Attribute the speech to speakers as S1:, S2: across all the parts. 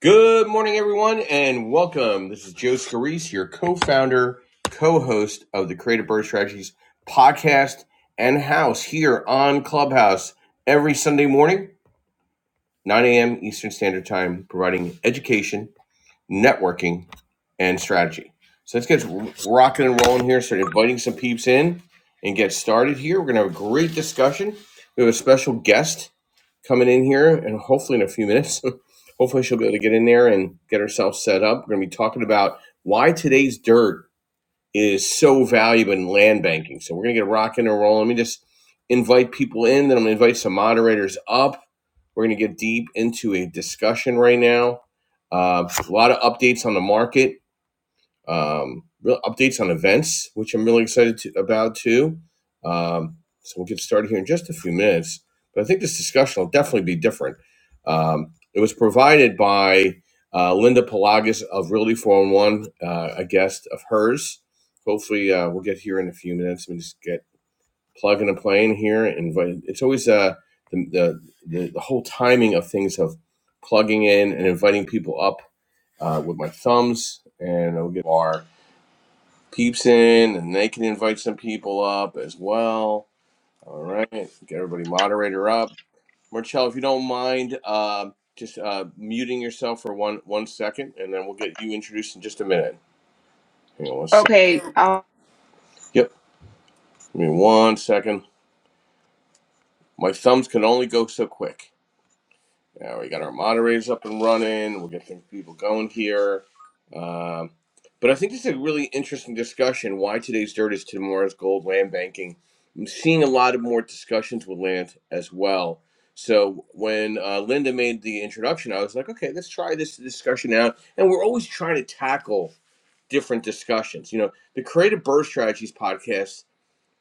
S1: Good morning, everyone, and welcome. This is Joe Scarice, your co-founder, co-host of the Creative Birth Strategies podcast and house here on Clubhouse every Sunday morning, 9 a.m. Eastern Standard Time, providing education, networking, and strategy. So let's get rocking and rolling here. Start inviting some peeps in and get started here. We're going to have a great discussion. We have a special guest coming in here, and hopefully in a few minutes, hopefully she'll be able to get in there and get herself set up. We're going to be talking about why today's dirt is so valuable in land banking. So we're going to get rocking and rolling. Let me just invite people in, then I'm going to invite some moderators up. We're going to get deep into a discussion right now. Uh, a lot of updates on the market um, real updates on events, which I'm really excited to, about too. Um, so we'll get started here in just a few minutes. But I think this discussion will definitely be different. Um, it was provided by uh, Linda Pelagas of Realty 411, uh, a guest of hers. Hopefully, uh, we'll get here in a few minutes. Let me just get plugging and playing here. And invite- it's always uh, the, the, the whole timing of things of plugging in and inviting people up uh, with my thumbs, and I'll get our peeps in and they can invite some people up as well. All right, get everybody moderator up. Marcello, if you don't mind, uh, just uh, muting yourself for one one second, and then we'll get you introduced in just a minute. Hang on one sec.
S2: Okay. I'll,
S1: Yep, give me one second. My thumbs can only go so quick. Yeah, we got our moderators up and running. We'll get some people going here. Um, But I think this is a really interesting discussion why today's dirt is tomorrow's gold land banking. I'm seeing a lot of more discussions with land as well. So when uh, Linda made the introduction, I was like, okay, let's try this discussion out. And we're always trying to tackle different discussions. You know, the Creative Bird Strategies podcast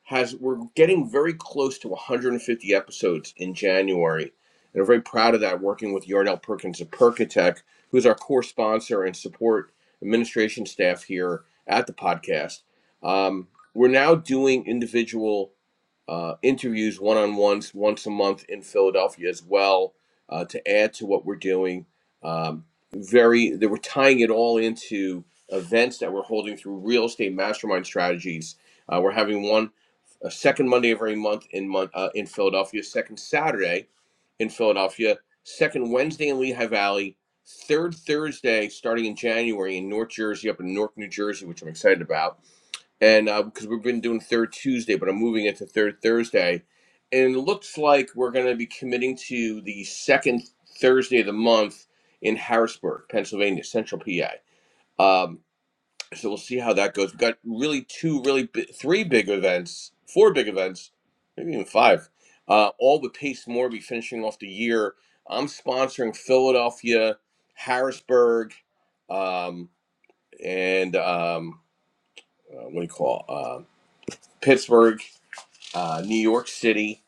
S1: has we're getting very close to 150 episodes in January, and we're very proud of that. Working with Yardell Perkins of Perkatech, who's our core sponsor and support administration staff here at the podcast. Um, we're now doing individual uh, interviews, one on ones, once a month in Philadelphia as well, uh, to add to what we're doing. Um, very, they were tying it all into events that we're holding through real estate mastermind strategies. Uh, we're having one uh, second Monday of every month in month uh, in Philadelphia, second Saturday in Philadelphia, second Wednesday in Lehigh Valley, third Thursday starting in January in North Jersey, up in Newark, New Jersey, which I'm excited about, and uh, because we've been doing third Tuesday, but I'm moving it to third Thursday, and it looks like we're going to be committing to the second Thursday of the month in Harrisburg, Pennsylvania, Central PA. Um, so we'll see how that goes. We've got really two, really bi- three big events, four big events, maybe even five, uh, all with Pace Morby finishing off the year. I'm sponsoring Philadelphia, Harrisburg, um, and um, uh, what do you call uh, Pittsburgh, uh, New York City.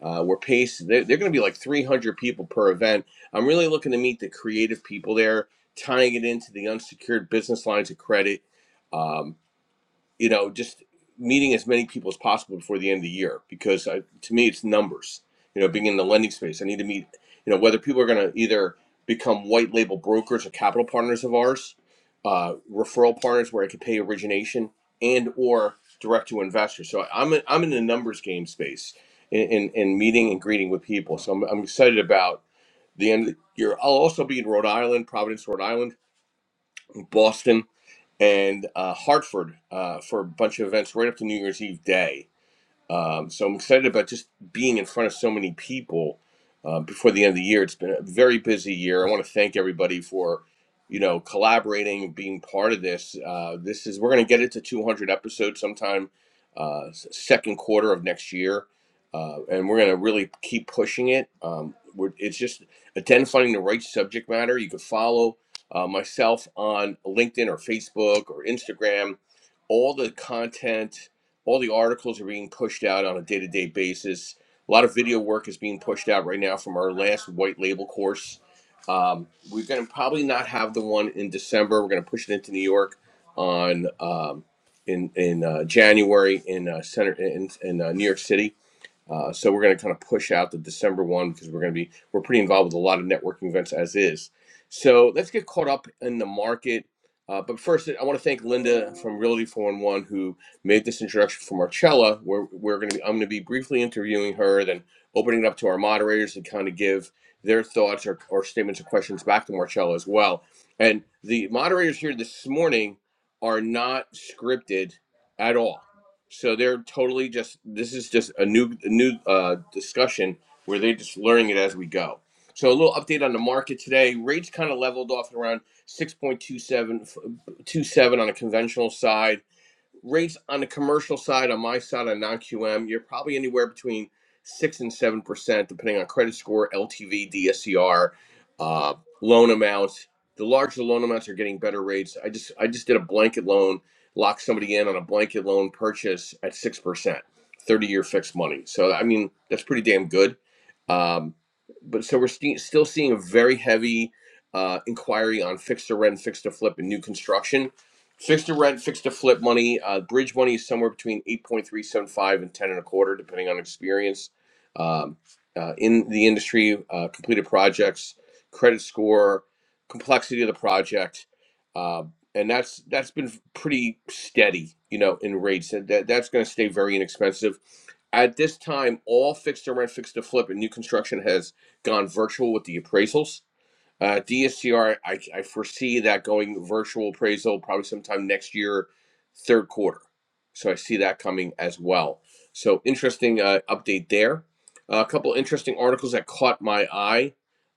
S1: Uh, where Pace, they're, they're going to be like 300 people per event. I'm really looking to meet the creative people there, tying it into the unsecured business lines of credit. Um, you know, just meeting as many people as possible before the end of the year because I, to me, it's numbers. You know, being in the lending space, I need to meet, you know, whether people are going to either become white label brokers or capital partners of ours, uh, referral partners where I could pay origination and or direct to investors. So I'm in, I'm in the numbers game space in, in, in meeting and greeting with people. So I'm, I'm excited about the end of the year. I'll also be in Rhode Island, Providence, Rhode Island, Boston and uh, Hartford uh, for a bunch of events right up to New Year's Eve day. Um, so I'm excited about just being in front of so many people uh, before the end of the year. It's been a very busy year. I want to thank everybody for, you know, collaborating, being part of this. Uh, this is we're going to get it to 200 episodes sometime uh, s- second quarter of next year, uh, and we're going to really keep pushing it. Um, we're, it's just identifying the right subject matter. You can follow uh, myself on LinkedIn or Facebook or Instagram all the content all the articles are being pushed out on a day to day basis. A lot of video work is being pushed out right now from our last white label course. Um, we're going to probably not have the one in December. We're going to push it into New York on um, in in uh, January in uh, center in in uh, New York City uh, so we're going to kind of push out the December one because we're going to be we're pretty involved with a lot of networking events as is. So let's get caught up in the market. Uh, but first, I want to thank Linda from Realty Four One One who made this introduction for Marcella. We're we're going to be, I'm going to be briefly interviewing her, then opening it up to our moderators to kind of give their thoughts or, or statements or questions back to Marcella as well. And the moderators here this morning are not scripted at all so they're totally just this is just a new a new uh, discussion where they're just learning it as we go. So a little update on the market today. Rates kind of leveled off at around 6.27 on a conventional side rates on the commercial side, on my side, on non-QM, you're probably anywhere between six and seven percent, depending on credit score, LTV, DSCR, uh, loan amounts. The larger the loan amounts are getting better rates. I just I just did a blanket loan, locked somebody in on a blanket loan purchase at six percent, thirty-year fixed money. So I mean that's pretty damn good. Um, but so we're sti- still seeing a very heavy uh, inquiry on fixed to rent, fixed to flip, and new construction Fixed to rent, fixed to flip money. Uh, bridge money is somewhere between 8.375 and 10 and a quarter, depending on experience. Um, uh, in the industry, uh, completed projects, credit score, complexity of the project. Uh, and that's that's been pretty steady, you know, in rates. And that, that's going to stay very inexpensive. At this time, all fixed to rent, fixed to flip, and new construction has gone virtual with the appraisals. Uh, DSCR, I, I foresee that going virtual appraisal probably sometime next year, third quarter. So I see that coming as well. So interesting uh, update there. Uh, a couple interesting articles that caught my eye.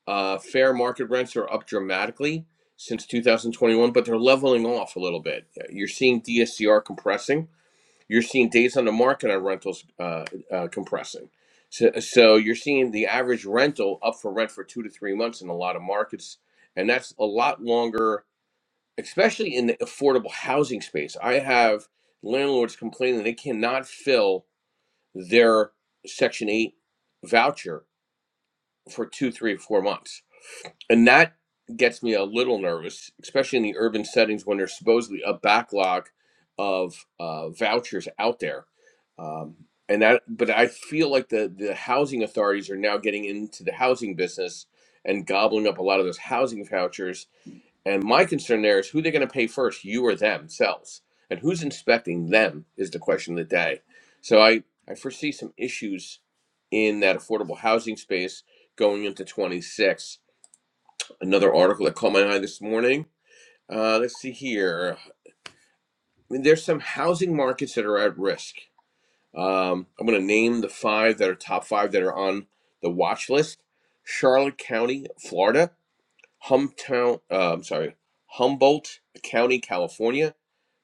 S1: Uh, fair market rents are up dramatically since 2021, but they're leveling off a little bit. You're seeing DSCR compressing you're seeing days on the market on rentals uh, uh, compressing. So, so you're seeing the average rental up for rent for two to three months in a lot of markets, and that's a lot longer, especially in the affordable housing space. I have landlords complaining they cannot fill their Section Eight voucher for two, three, four months and that gets me a little nervous, especially in the urban settings when there's supposedly a backlog of uh, vouchers out there. Um, and that, but I feel like the the housing authorities are now getting into the housing business and gobbling up a lot of those housing vouchers. And my concern there is who they're going to pay first, you or themselves, and who's inspecting them is the question of the day. So I I foresee some issues in that affordable housing space going into 26 another article that caught my eye this morning. Uh, let's see here. I mean, there's some housing markets that are at risk. Um, I'm going to name the five that are top five that are on the watch list. Charlotte County, Florida. Humtown, uh, I'm sorry, Humboldt County, California,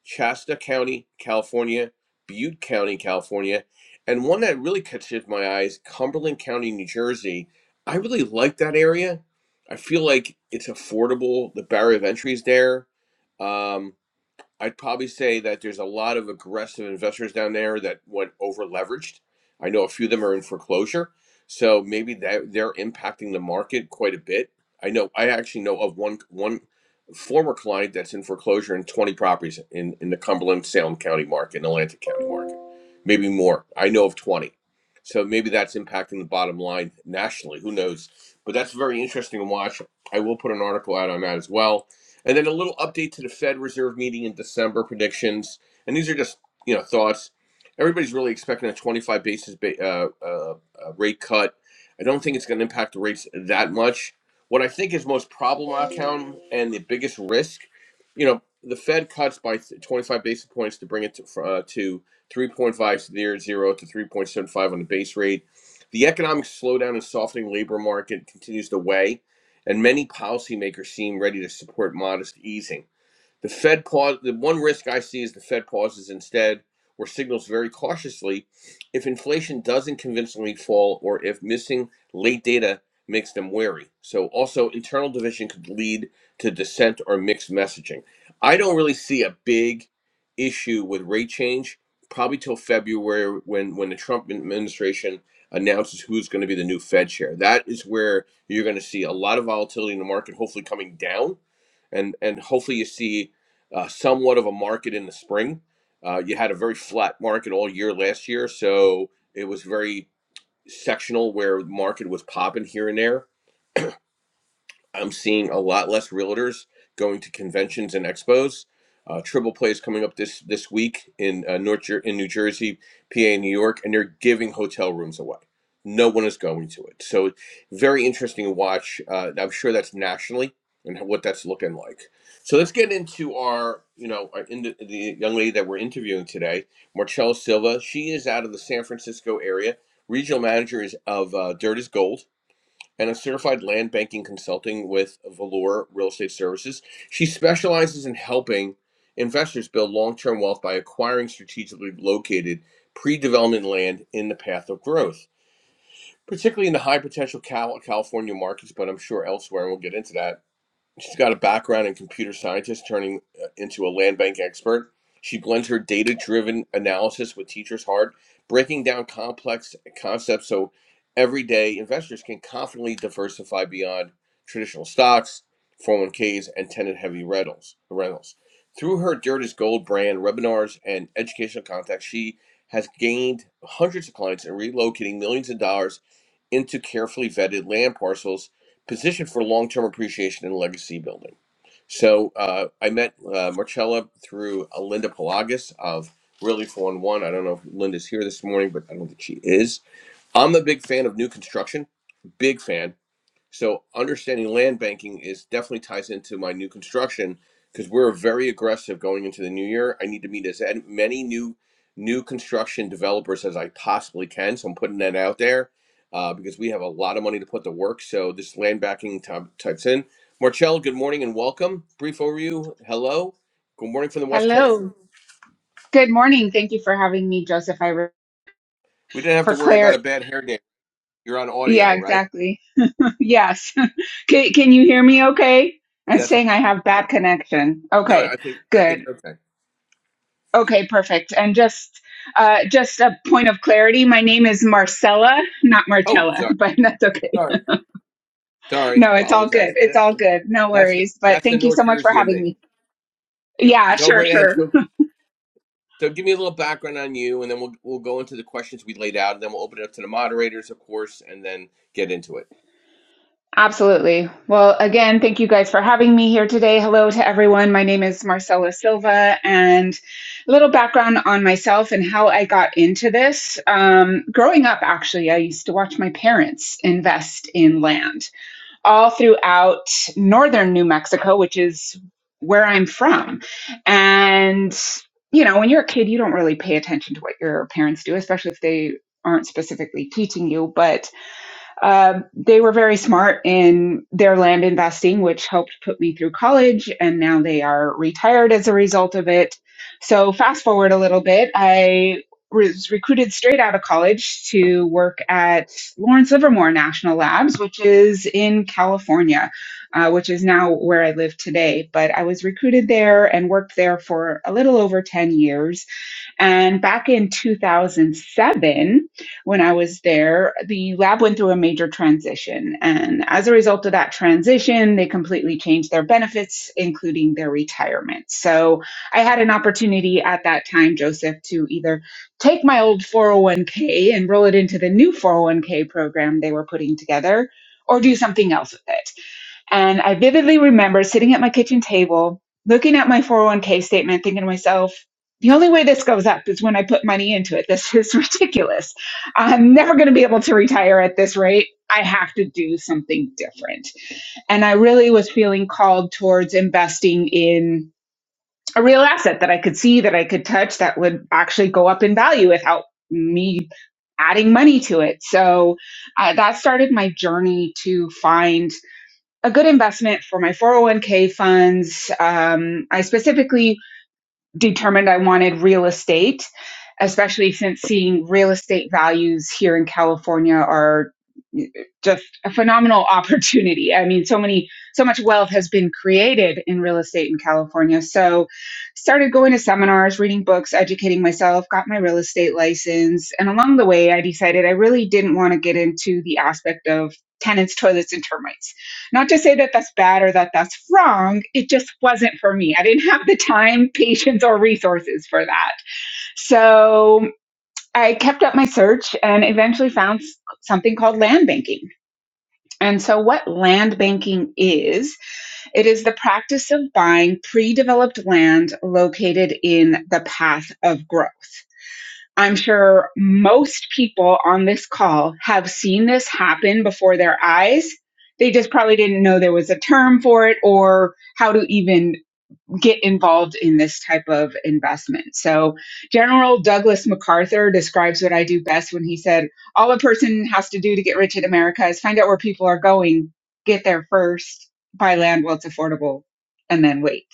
S1: Shasta County, California, Butte County, California, and one that really catches my eyes, Cumberland County, New Jersey. I really like that area. I feel like it's affordable. The barrier of entry is there. Um, I'd probably say that there's a lot of aggressive investors down there that went over leveraged. I know a few of them are in foreclosure, so maybe that they're impacting the market quite a bit. I know I actually know of one one former client that's in foreclosure in 20 properties in in the Cumberland, Salem County market, and Atlantic County market, maybe more. I know of 20, so maybe that's impacting the bottom line nationally. Who knows? But that's very interesting to watch. I will put an article out on that as well and then a little update to the Fed Reserve meeting in December predictions. And these are just you know thoughts. Everybody's really expecting a 25 basis uh, uh, uh, rate cut. I don't think it's going to impact the rates that much. What I think is most problematic and the biggest risk, you know, the Fed cuts by 25 basis points to bring it to, uh, to 3.50 to 3.75 on the base rate. The economic slowdown and softening labor market continues to weigh and many policymakers seem ready to support modest easing. The Fed pause. The one risk I see is the Fed pauses instead, or signals very cautiously if inflation doesn't convincingly fall, or if missing late data makes them wary. So also internal division could lead to dissent or mixed messaging. I don't really see a big issue with rate change probably till February when when the Trump administration announces who's going to be the new Fed chair. That is where you're going to see a lot of volatility in the market, hopefully coming down and and hopefully you see uh, somewhat of a market in the spring. Uh, you had a very flat market all year last year, so it was very sectional where the market was popping here and there. I'm seeing a lot less realtors going to conventions and expos. Uh, Triple Play is coming up this this week in uh, North Jer- in New Jersey, PA, and New York, and they're giving hotel rooms away. No one is going to it, so very interesting to watch. Uh, I'm sure that's nationally and what that's looking like. So let's get into our, you know, our, in the, the young lady that we're interviewing today, Marcella Silva. She is out of the San Francisco area, regional manager is of uh, Dirt is Gold and a certified land banking consulting with Valor Real Estate Services. She specializes in helping investors build long term wealth by acquiring strategically located pre development land in the path of growth, particularly in the high potential California markets, but I'm sure elsewhere, and we'll get into that She's got a background in computer scientist, turning uh, into a land bank expert. She blends her data driven analysis with teachers' heart, breaking down complex concepts so everyday investors can confidently diversify beyond traditional stocks, 401ks, and tenant heavy rentals. rentals. Through her Dirt is Gold brand, webinars, and educational contacts, she has gained hundreds of clients and relocating millions of dollars into carefully vetted land parcels positioned for long-term appreciation and legacy building. So uh, I met uh, Marcella through uh, Linda Pelagas of Really 411. I don't know if Linda's here this morning, but I don't think she is. I'm a big fan of new construction, big fan. So understanding land banking is definitely ties into my new construction because we're very aggressive going into the new year. I need to meet as en- many new new construction developers as I possibly can. So I'm putting that out there uh, because we have a lot of money to put to work. So this land banking type, types in. Marcel, good morning and welcome. Brief overview. Hello. Good morning from the West Coast.
S2: hello.
S1: Hello.
S2: Good morning. Thank you for having me, Joseph. I re-
S1: We didn't have to
S2: for
S1: worry about
S2: Claire.
S1: a bad hair day. You're on
S2: Yeah,
S1: audio, right?
S2: exactly. yes. Can Can you hear me? Okay. I'm
S1: Yes.
S2: saying I have bad connection.
S1: No,
S2: Okay.
S1: I think I think
S2: Good.
S1: you're okay.
S2: Okay. Perfect. And just uh, just a point of clarity. My name is Marcella, not
S1: Oh,
S2: Marcella, but that's okay.
S1: sorry. Sorry,
S2: No, it's all good.
S1: apologize.
S2: It's
S1: That's
S2: all
S1: the,
S2: good. No
S1: that's the
S2: worries. But
S1: that's the
S2: thank you so
S1: North
S2: much for
S1: Jersey in
S2: having
S1: me.
S2: me.
S1: Yep.
S2: Yeah.
S1: Go
S2: Sure.
S1: right
S2: Sure.
S1: ahead. So, so give me a little background on you, and then we'll we'll go into the questions we laid out, and then we'll open it up to the moderators, of course, and then get into it.
S2: Absolutely. Well, again, thank you guys for having me here today. Hello to everyone. My name is Marcela Silva, and a little background on myself and how I got into this. Um, growing up, actually, I used to watch my parents invest in land all throughout northern New Mexico, which is where I'm from. And, you know, when you're a kid, you don't really pay attention to what your parents do, especially if they aren't specifically teaching you. But um, they were very smart in their land investing, which helped put me through college, and now they are retired as a result of it. So, fast forward a little bit, I was recruited straight out of college to work at Lawrence Livermore National Labs, which is in California, uh, which is now where I live today. But I was recruited there and worked there for a little over 10 years and back in 2007, when I was there, the lab went through a major transition. And as a result of that transition, they completely changed their benefits, including their retirement. So I had an opportunity at that time, Joseph, to either take my old 401k and roll it into the new 401k program they were putting together or do something else with it. And I vividly remember sitting at my kitchen table, looking at my 401k statement, thinking to myself, the only way this goes up is when I put money into it. This is ridiculous. I'm never going to be able to retire at this rate. I have to do something different. And I really was feeling called towards investing in a real asset that I could see, that I could touch, that would actually go up in value without me adding money to it. So uh, that started my journey to find a good investment for my 401k funds. Um, I specifically determined I wanted real estate, especially since seeing real estate values here in California are just a phenomenal opportunity. I mean, so many, so much wealth has been created in real estate in California. So, started going to seminars, reading books, educating myself, got my real estate license. And along the way, I decided I really didn't want to get into the aspect of tenants, toilets, and termites not to say that that's bad or that that's wrong, it just wasn't for me. I didn't have the time, patience, or resources for that. So I kept up my search and eventually found something called land banking. And so, what land banking is, it is the practice of buying pre developed land located in the path of growth. I'm sure most people on this call have seen this happen before their eyes. They just probably didn't know there was a term for it or how to even get involved in this type of investment. So, General Douglas MacArthur describes what I do best when he said, All a person has to do to get rich in America is find out where people are going, get there first, buy land while it's affordable, and then wait.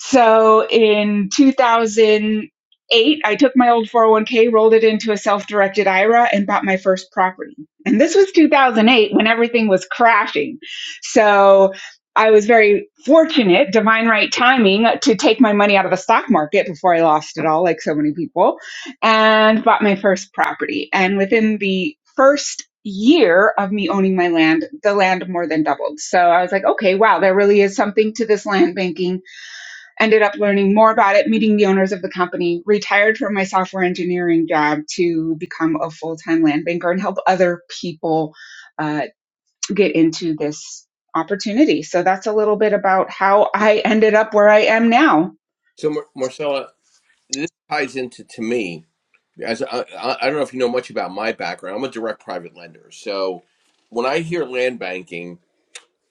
S2: So in 2008, I took my old 401k, rolled it into a self directed IRA, and bought my first property. And this was 2008 when everything was crashing. So I was very fortunate, divine right timing, to take my money out of the stock market before I lost it all, like so many people, and bought my first property. And within the first year of me owning my land, the land more than doubled. So I was like, okay, wow, there really is something to this land banking ended up learning more about it, meeting the owners of the company, retired from my software engineering job to become a full time land banker and help other people uh, get into this opportunity. So that's a little bit about how I ended up where I am now.
S1: So, Mar- Marcella, this ties into to me as I, I I don't know if you know much about my background. I'm a direct private lender, so when I hear land banking,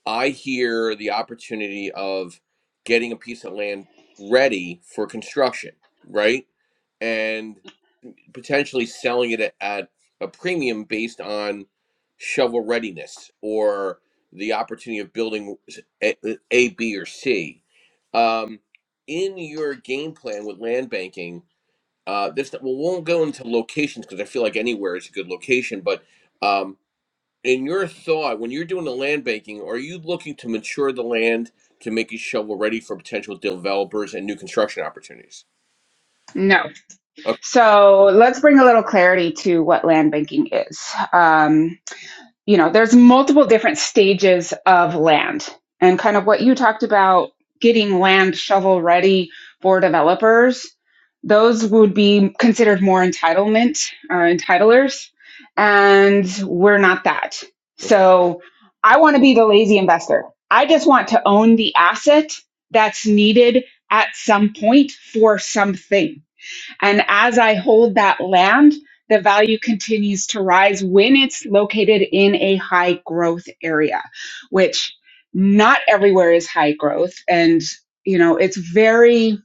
S1: I hear the opportunity of getting a piece of land ready for construction, right? And potentially selling it at, a premium based on shovel readiness or the opportunity of building A, A, B, or C. Um, in your game plan with land banking, uh, this well, we won't go into locations because I feel like anywhere is a good location. But um, in your thought, when you're doing the land banking, are you looking to mature the land to make it shovel ready for potential developers and new construction opportunities?
S2: No.
S1: Okay.
S2: So let's bring a little clarity to what land banking is. Um, you know there's multiple different stages of land and kind of what you talked about getting land shovel ready for developers those would be considered more entitlement uh, entitlers and we're not that
S1: okay.
S2: so i want to be the lazy investor i just want to own the asset that's needed at some point for something and as I hold that land, the value continues to rise when it's located in a high growth area, which not everywhere is high growth. And, you know, it's very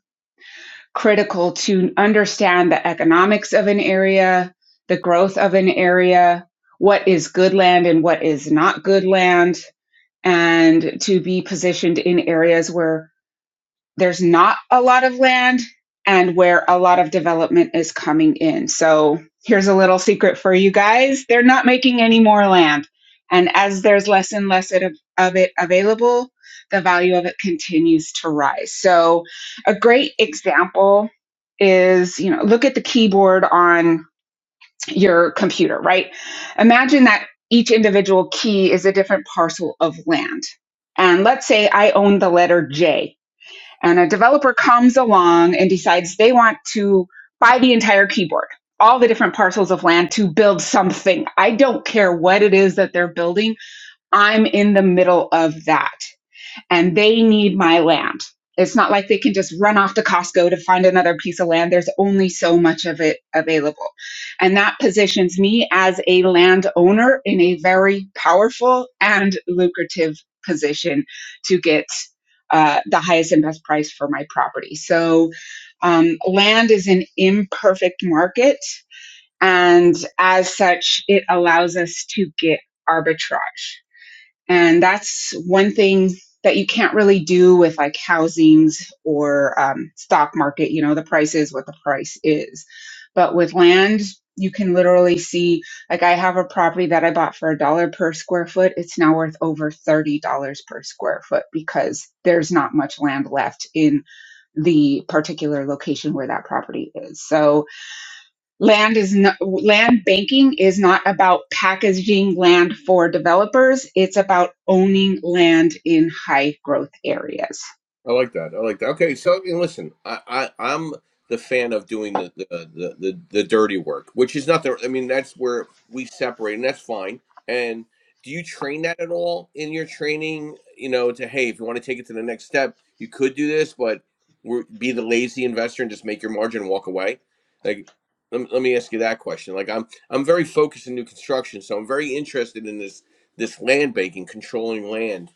S2: critical to understand the economics of an area, the growth of an area, what is good land and what is not good land, and to be positioned in areas where there's not a lot of land and where a lot of development is coming in. So here's a little secret for you guys. They're not making any more land. And as there's less and less it- of it available, the value of it continues to rise. So a great example is, you know, look at the keyboard on your computer, right? Imagine that each individual key is a different parcel of land. And let's say I own the letter J and a developer comes along and decides they want to buy the entire keyboard, all the different parcels of land to build something. I don't care what it is that they're building. I'm in the middle of that and they need my land. It's not like they can just run off to Costco to find another piece of land. There's only so much of it available. And that positions me as a landowner in a very powerful and lucrative position to get uh, the highest and best price for my property. So, um, land is an imperfect market. And as such, it allows us to get arbitrage. And that's one thing that you can't really do with like housings or um, stock market. You know, the price is what the price is. But with land, you can literally see, like, I have a property that I bought for a dollar per square foot. It's now worth over $30 per square foot because there's not much land left in the particular location where that property is. So, land is not, land banking is not about packaging land for developers. It's about owning land in high growth areas.
S1: I like that. I like that. Okay, so you know, listen, I, I I'm the fan of doing the the, the the the dirty work, which is not the. I mean, that's where we separate, and that's fine. And do you train that at all in your training? You know, to hey, if you want to take it to the next step, you could do this, but we're, be the lazy investor and just make your margin and walk away. Like, let, me- let me ask you that question. Like, I'm I'm very focused in new construction, so I'm very interested in this this land banking, controlling land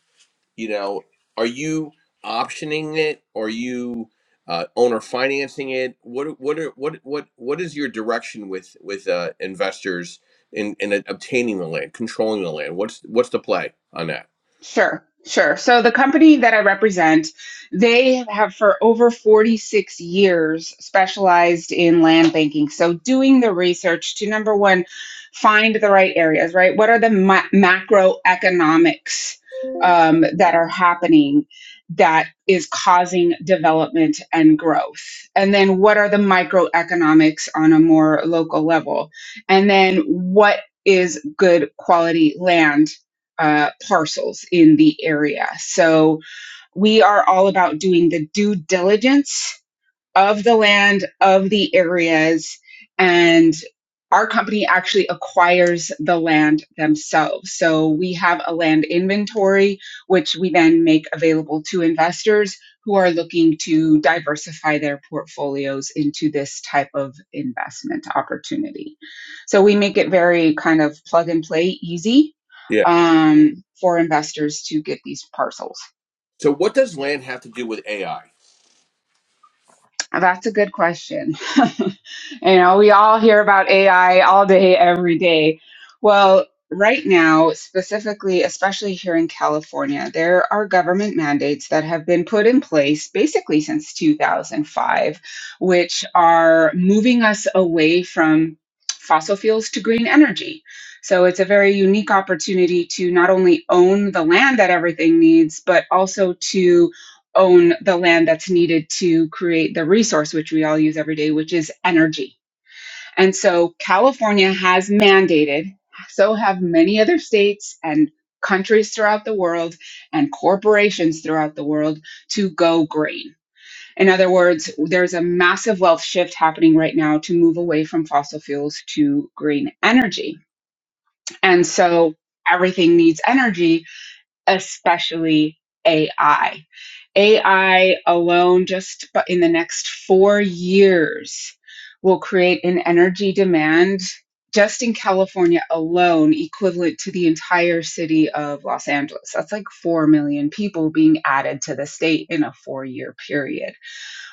S1: you know are you optioning it are you uh, owner financing it what what are what what what is your direction with with uh, investors in in obtaining the land controlling the land what's what's the play on that
S2: Sure, sure. So the company that I represent, they have for over 46 years specialized in land banking. So doing the research to number one, find the right areas, right? What are the ma- macroeconomics um, that are happening that is causing development and growth? And then what are the microeconomics on a more local level? And then what is good quality land? uh, parcels in the area. So we are all about doing the due diligence of the land, of the areas, and our company actually acquires the land themselves. So we have a land inventory, which we then make available to investors who are looking to diversify their portfolios into this type of investment opportunity. So we make it very kind of plug and play easy
S1: yeah
S2: um, for investors to get these parcels.
S1: so what does land have to do with ai
S2: That's a good question. you know, we all hear about AI all day, every day. Well, right now, specifically, especially here in California, there are government mandates that have been put in place basically since 2005, which are moving us away from fossil fuels to green energy. So it's a very unique opportunity to not only own the land that everything needs, but also to own the land that's needed to create the resource which we all use every day, which is energy. And so California has mandated, so have many other states and countries throughout the world and corporations throughout the world to go green. In other words, there's a massive wealth shift happening right now to move away from fossil fuels to green energy. And so everything needs energy especially AI. AI alone, just in the next four years, will create an energy demand just in California alone equivalent to the entire city of Los Angeles. That's like 4 million people being added to the state in a four year period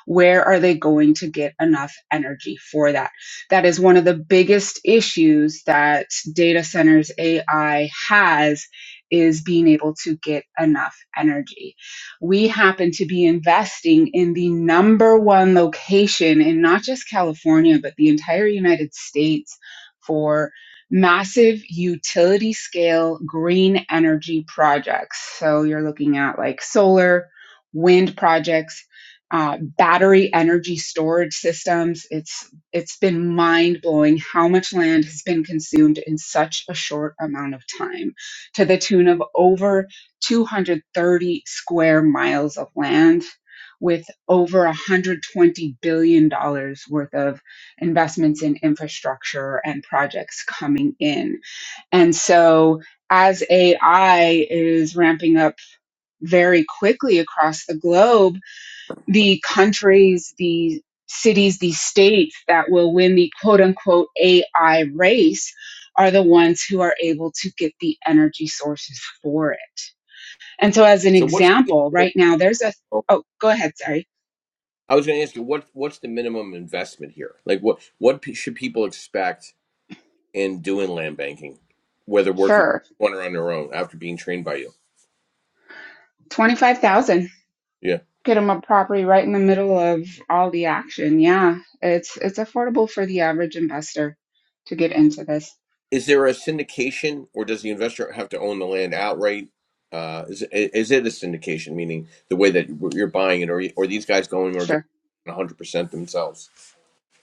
S2: where are they going to get enough energy for that? That is one of the biggest issues that data centers AI has is being able to get enough energy. We happen to be investing in the number one location in not just California, but the entire United States for massive utility scale green energy projects. So you're looking at like solar, wind projects, uh, battery energy storage systems. It's it's been mind blowing how much land has been consumed in such a short amount of time, to the tune of over 230 square miles of land, with over 120 billion dollars worth of investments in infrastructure and projects coming in. And so, as AI is ramping up very quickly across the globe the countries, the cities, the states that will win the quote unquote AI race are the ones who are able to get the energy sources for it. And so, as an
S1: so what's the
S2: example,
S1: minimum-
S2: right now there's a oh, go ahead, sorry.
S1: i was going to ask you what what's the minimum investment here like what what pe- should people expect in doing land banking whether working
S2: Sure,
S1: one or on their own after being trained by
S2: 25,000.
S1: you
S2: Get them a property right in the middle of all the action. Yeah, it's it's affordable for the average investor to get into this.
S1: Is there a syndication, or does the investor have to own the land outright? Uh, is is it a syndication, meaning the way that you're buying it, or or these guys going
S2: Sure.
S1: organic 100% themselves?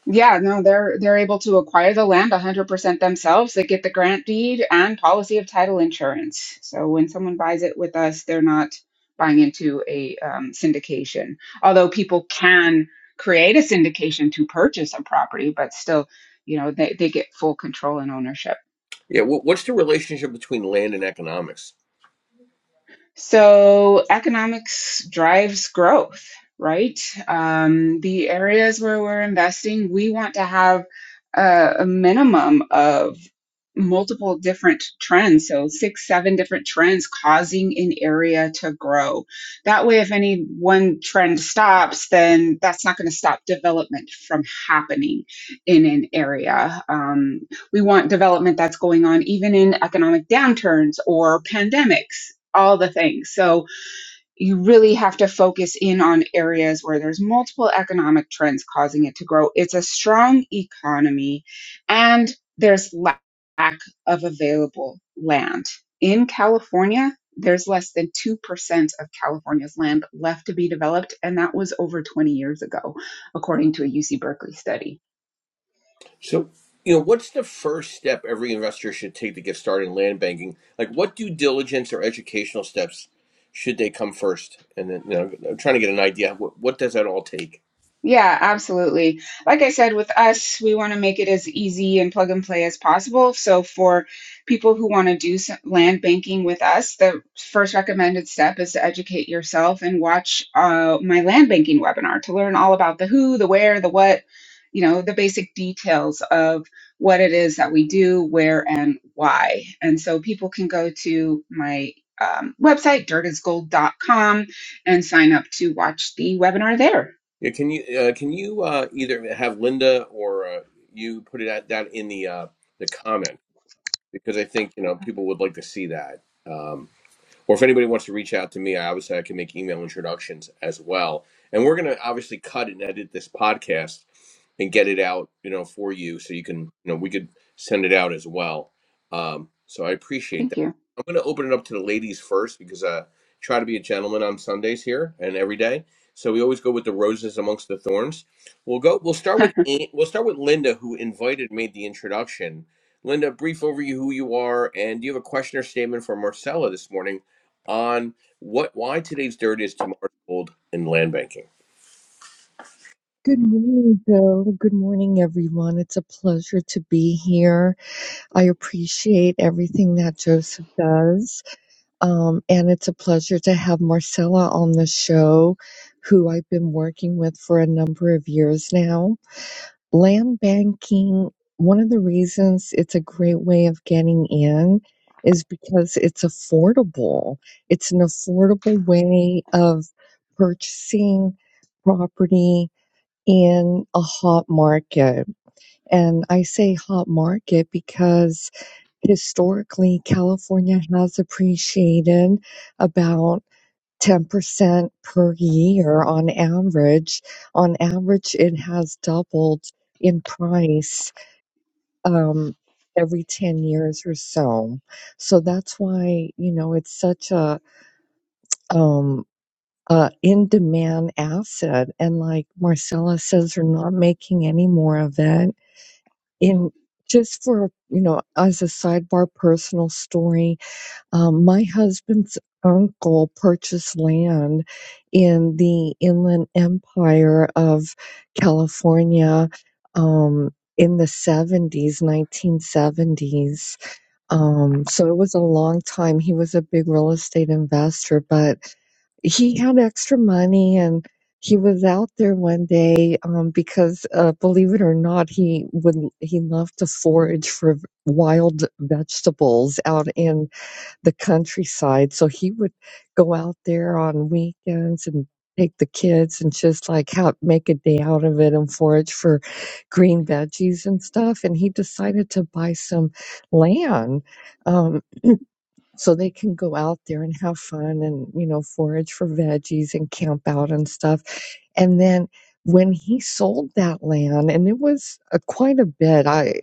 S2: Yeah, no, they're they're able to acquire the land 100% themselves. They get the grant deed and policy of title insurance. So when someone buys it with us, they're not buying into a um, syndication. Although people can create a syndication to purchase a property, but still, you know, they, they get full control and ownership.
S1: Yeah. wh- What's the relationship between land and economics?
S2: So economics drives growth, right? Um, the areas where we're investing, we want to have a, a minimum of multiple different trends. So six, seven different trends causing an area to grow. That way, if any one trend stops, then that's not going to stop development from happening in an area. Um, we want development that's going on even in economic downturns or pandemics all the things. So you really have to focus in on areas where there's multiple economic trends causing it to grow. It's a strong economy and there's lack of available land. In California, there's less than 2% of California's land left to be developed, and that was over 20 years ago, according to a UC Berkeley study.
S1: So, you know, what's the first step every investor should take to get started in land banking? Like, what due diligence or educational steps should they come first? And then, you know, I'm trying to get an idea. What, what does that all take?
S2: Yeah, absolutely. Like I said, with us, we want to make it as easy and plug and play as possible. So, for people who want to do some land banking with us, the first recommended step is to educate yourself and watch uh, my land banking webinar to learn all about the who, the where, the what, you know, the basic details of what it is that we do, where, and why. And so, people can go to my um, website, dirtisgold.com, and sign up to watch the webinar there.
S1: Yeah, can you uh, can you uh, either have Linda or uh, you put it at that in the uh, the comment because I think you know people would like to see that. Um, or if anybody wants to reach out to me, I obviously I can make email introductions as well. And we're gonna obviously cut and edit this podcast and get it out, you know, for you so you can, you know, we could send it out as well. Um, so I appreciate
S2: Thank
S1: that.
S2: you.
S1: I'm gonna open it up to the ladies first because I try to be a gentleman on Sundays here and every day. So we always go with the roses amongst the thorns. We'll go. We'll start with we'll start with Linda, who invited made the introduction. Linda, brief overview who you are, and do you have a question or statement for Marcella this morning? on what why today's dirt is tomorrow's gold in land banking.
S3: Good morning, Bill. Good morning, everyone. It's a pleasure to be here. I appreciate everything that Joseph does. Um, and it's a pleasure to have Marcella on the show, who I've been working with for a number of years now. Land banking, one of the reasons it's a great way of getting in is because it's affordable. It's an affordable way of purchasing property in a hot market. And I say hot market because historically California has appreciated about 10% per year on average. On average, it has doubled in price um, every 10 years or so. So that's why, you know, it's such a, um, uh, in demand asset and like Marcella says, we're not making any more of it in just for you know as a sidebar personal story um, my husband's uncle purchased land in the inland empire of california um, in the 70s 1970s um, so it was a long time. He was a big real estate investor, but he had extra money and he was out there one day um, because uh, believe it or not he would he loved to forage for wild vegetables out in the countryside. So he would go out there on weekends and take the kids and just like how make a day out of it and forage for green veggies and stuff. And he decided to buy some land um, so they can go out there and have fun and you know forage for veggies and camp out and stuff and then when he sold that land and it was a, quite a bit i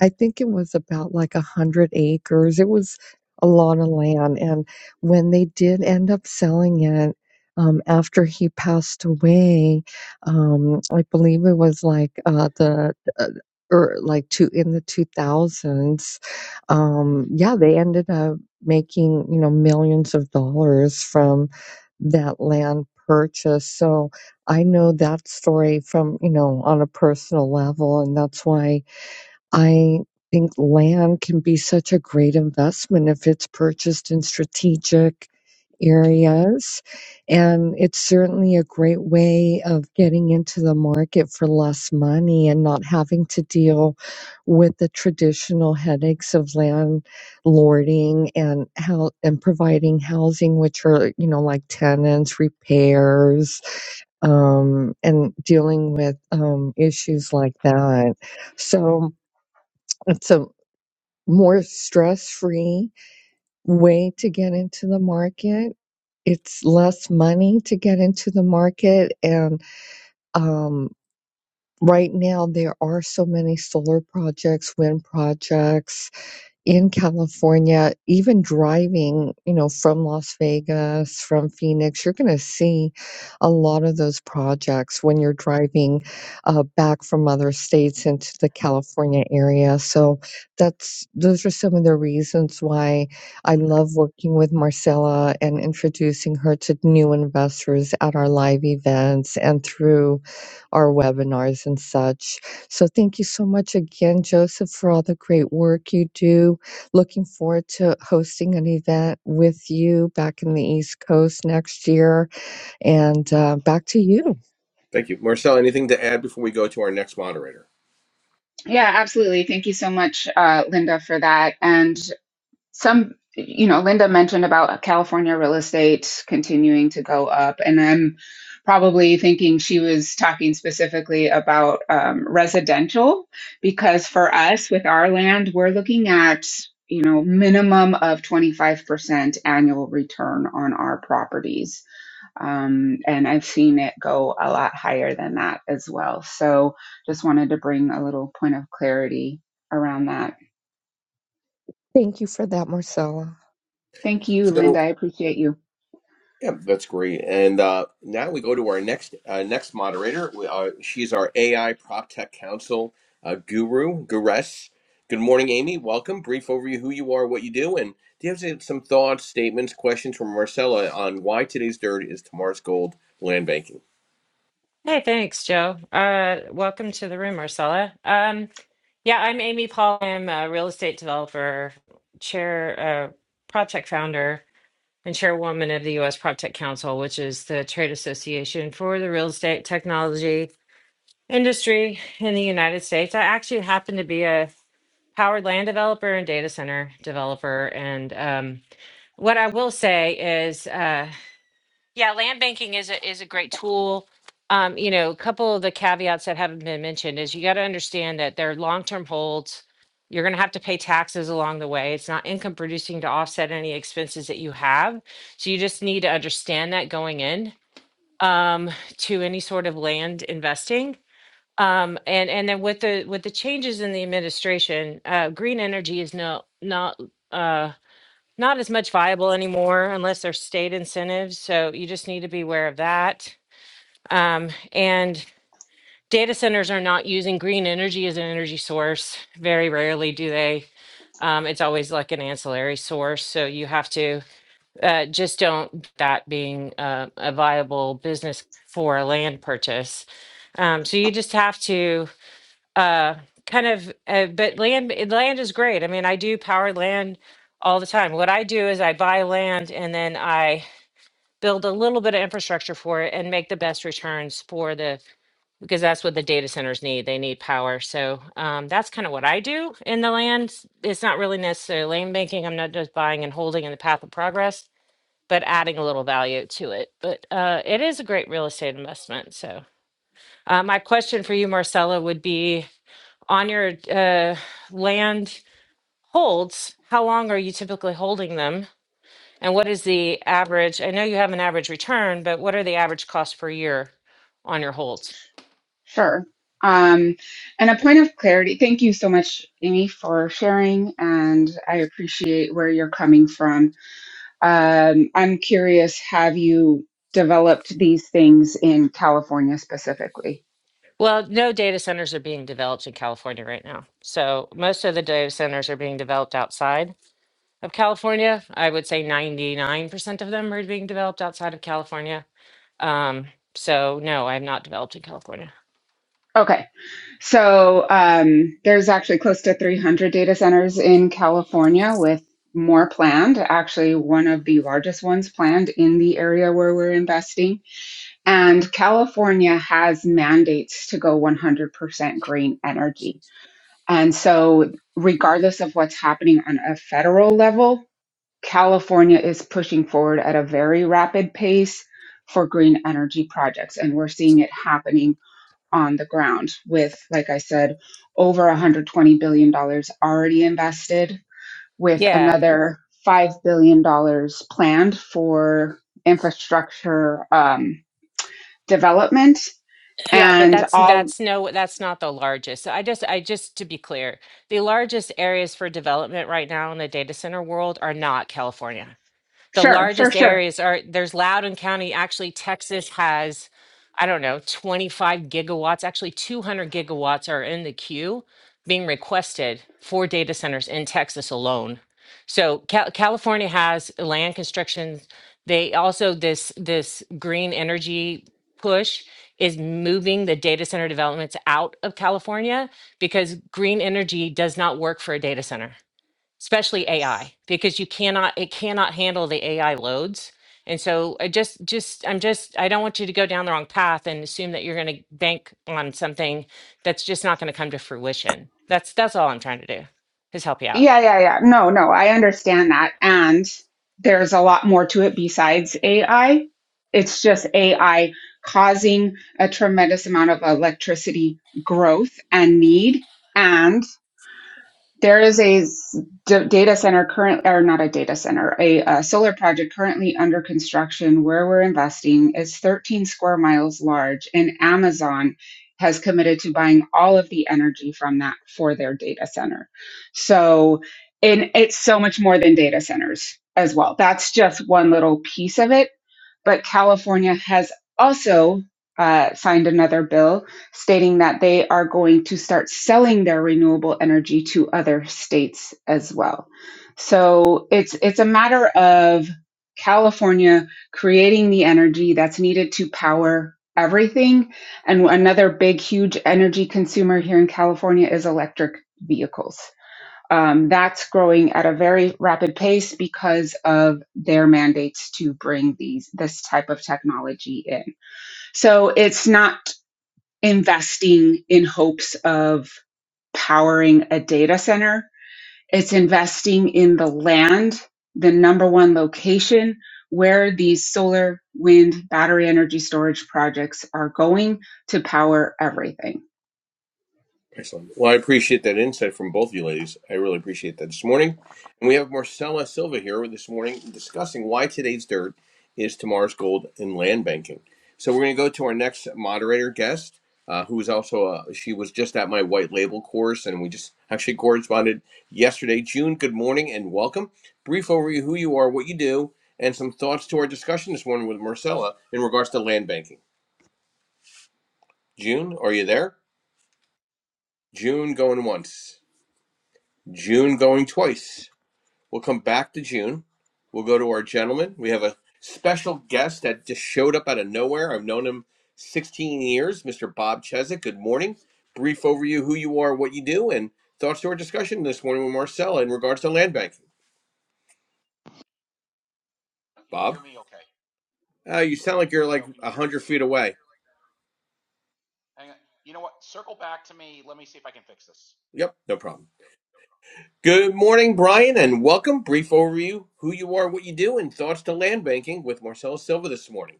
S3: i think it was about like a hundred acres it was a lot of land and when they did end up selling it um, after he passed away um, i believe it was like uh, the uh, or like two in the 2000s um yeah they ended up making you know millions of dollars from that land purchase so i know that story from you know on a personal level and that's why I think land can be such a great investment if it's purchased in strategic areas. And it's certainly a great way of getting into the market for less money and not having to deal with the traditional headaches of landlording and how and providing housing, which are, you know, like tenants, repairs, um, and dealing with um, issues like that. So, it's a more stress free way to get into the market. It's less money to get into the market. And um, right now, there are so many solar projects, wind projects, in California, even driving, you know, from Las Vegas, from Phoenix, you're going to see a lot of those projects when you're driving uh, back from other states into the California area. So that's those are some of the reasons why I love working with Marcella and introducing her to new investors at our live events and through our webinars and such. So thank you so much again, Joseph, for all the great work you do. Looking forward to hosting an event with you back in the East Coast next year. And uh, back to you.
S1: Thank you, Marcel. Anything to add before we go to our next moderator?
S2: Yeah, absolutely. Thank you so much, uh, Linda, for that. And some you know linda mentioned about california real estate continuing to go up and i'm probably thinking she was talking specifically about um, residential because for us with our land we're looking at you know minimum of 25% annual return on our properties um, and i've seen it go a lot higher than that as well so just wanted to bring a little point of clarity around that
S3: Thank you for that, Marcella.
S2: thank you
S1: So
S2: linda i appreciate you
S1: yeah, that's great. And uh, now we go to our next uh, next moderator. We, uh, she's our AI prop tech council uh, guru, Gures. Good morning, Amy. Welcome. Brief overview: who you are, what you do, and do you have some some thoughts, statements, questions from Marcella on why today's dirt is tomorrow's gold land banking?
S4: Hey, thanks, Joe. Uh, welcome to the room, Marcella. Um, yeah, I'm Amy Paul. I'm a real estate developer, chair, uh, project founder, and chairwoman of the U.S. Project Council, which is the trade association for the real estate technology industry in the United States. I actually happen to be a powered land developer and data center developer. And um, what I will say is, uh, yeah, land banking is a, is a great tool. Um, you know, a couple of the caveats that haven't been mentioned is you got to understand that they're long-term holds. You're going to have to pay taxes along the way. It's not income producing to offset any expenses that you have. So you just need to understand that going in um, to any sort of land investing. Um, and and then with the with the changes in the administration, uh, green energy is no not uh, not as much viable anymore unless there's state incentives. So you just need to be aware of that. Um, and data centers are not using green energy as an energy source. Very rarely do they. Um, it's always like an ancillary source. So you have to uh, just don't that being uh, a viable business for a land purchase. Um, so you just have to uh kind of uh, but land eh, land is great i mean i do power land all the time what i do is i buy land and then i build a little bit of infrastructure for it and make the best returns for the because that's what the data centers need they need power so um, that's kind of what i do in the land it's not really necessarily land banking i'm not just buying and holding in the path of progress but adding a little value to it but uh, it is a great real estate investment so uh, my question for you marcella would be on your uh, land holds, how long are you typically holding them? And what is the average? I know you have an average return, but what are the average costs per year on your holds?
S2: Sure. Um, and a point of clarity, thank you so much, Amy, for sharing, and I appreciate where you're coming from. Um, I'm curious, have you developed these things in California specifically?
S4: Well, no data centers are being developed in California right now. So most of the data centers are being developed outside of California. I would say 99% of them are being developed outside of California. Um, so no, I'm not developed in California.
S2: Okay. So um, there's actually close to 300 data centers in California with more planned, actually, one of the largest ones planned in the area where we're investing. And California has mandates to go 100% green energy. And so, regardless of what's happening on a federal level, California is pushing forward at a very rapid pace for green energy projects. And we're seeing it happening on the ground with, like I said, over $120 billion dollars already invested, with
S4: Yeah,
S2: another $5 billion dollars planned for infrastructure um, development.
S4: Yeah, but
S2: And
S4: that's
S2: all,
S4: that's no that's not the largest. So I just I just to be clear, the largest areas for development right now in the data center world are not California the
S2: sure, sure,
S4: largest
S2: sure.
S4: areas are there's Loudoun County. Actually, Texas has, I don't know, 25 gigawatts, actually 200 gigawatts are in the queue being requested for data centers in Texas alone. So Cal- California has land constrictions. They also this this green energy push is moving the data center developments out of California because green energy does not work for a data center especially AI, because you cannot it cannot handle the AI loads. And so I just just I'm just I don't want you to go down the wrong path and assume that you're going to bank on something that's just not going to come to fruition. That's that's all I'm trying to do is help you out.
S2: Yeah, yeah, yeah. No, no, I understand that. And there's a lot more to it besides AI. It's just AI causing a tremendous amount of electricity growth and need. and There is a data center current, or not a data center, a, uh solar project currently under construction where we're investing. It's 13 square miles large, and Amazon has committed to buying all of the energy from that for their data center. So, and it's so much more than data centers as well. That's just one little piece of it but California has also uh, signed another bill stating that they are going to start selling their renewable energy to other states as well. So it's it's a matter of California creating the energy that's needed to power everything. And another big, huge energy consumer here in California is electric vehicles. Um, that's growing at a very rapid pace because of their mandates to bring these this type of technology in. So it's not investing in hopes of powering a data center. It's investing in the land, the number one location where these solar, wind, battery energy storage projects are going to power everything.
S1: Excellent. Well, I appreciate that insight from both of you ladies. I really appreciate that this morning. And we have Marcella Silva here this morning discussing why today's dirt is tomorrow's gold in land banking. So we're going to go to our next moderator guest, uh, who is also, uh, she was just at my white label course, and we just actually corresponded yesterday. June, good morning and welcome. Brief overview who you are, what you do, and some thoughts to our discussion this morning with Marcella in regards to land banking. June, are you there? June going once. June going twice. We'll come back to June. We'll go to our gentleman. We have a special guest that just showed up out of nowhere. I've known him 16 years, Mr. Bob Cheswick. Good morning. Brief overview who you are, what you do, and thoughts to our discussion this morning with Marcella in regards to land banking.
S5: Can you hear
S1: Bob,
S5: me? Okay.
S1: uh, you sound like you're like
S5: Joe, can you hear me?
S1: 100 feet away.
S5: Hang on. You know what? Circle back to me. Let me see if I can fix this.
S1: Yep, no problem. Good morning, Brian, and welcome. Brief overview who you are, what you do, and thoughts to land banking with Marcella Silva this morning.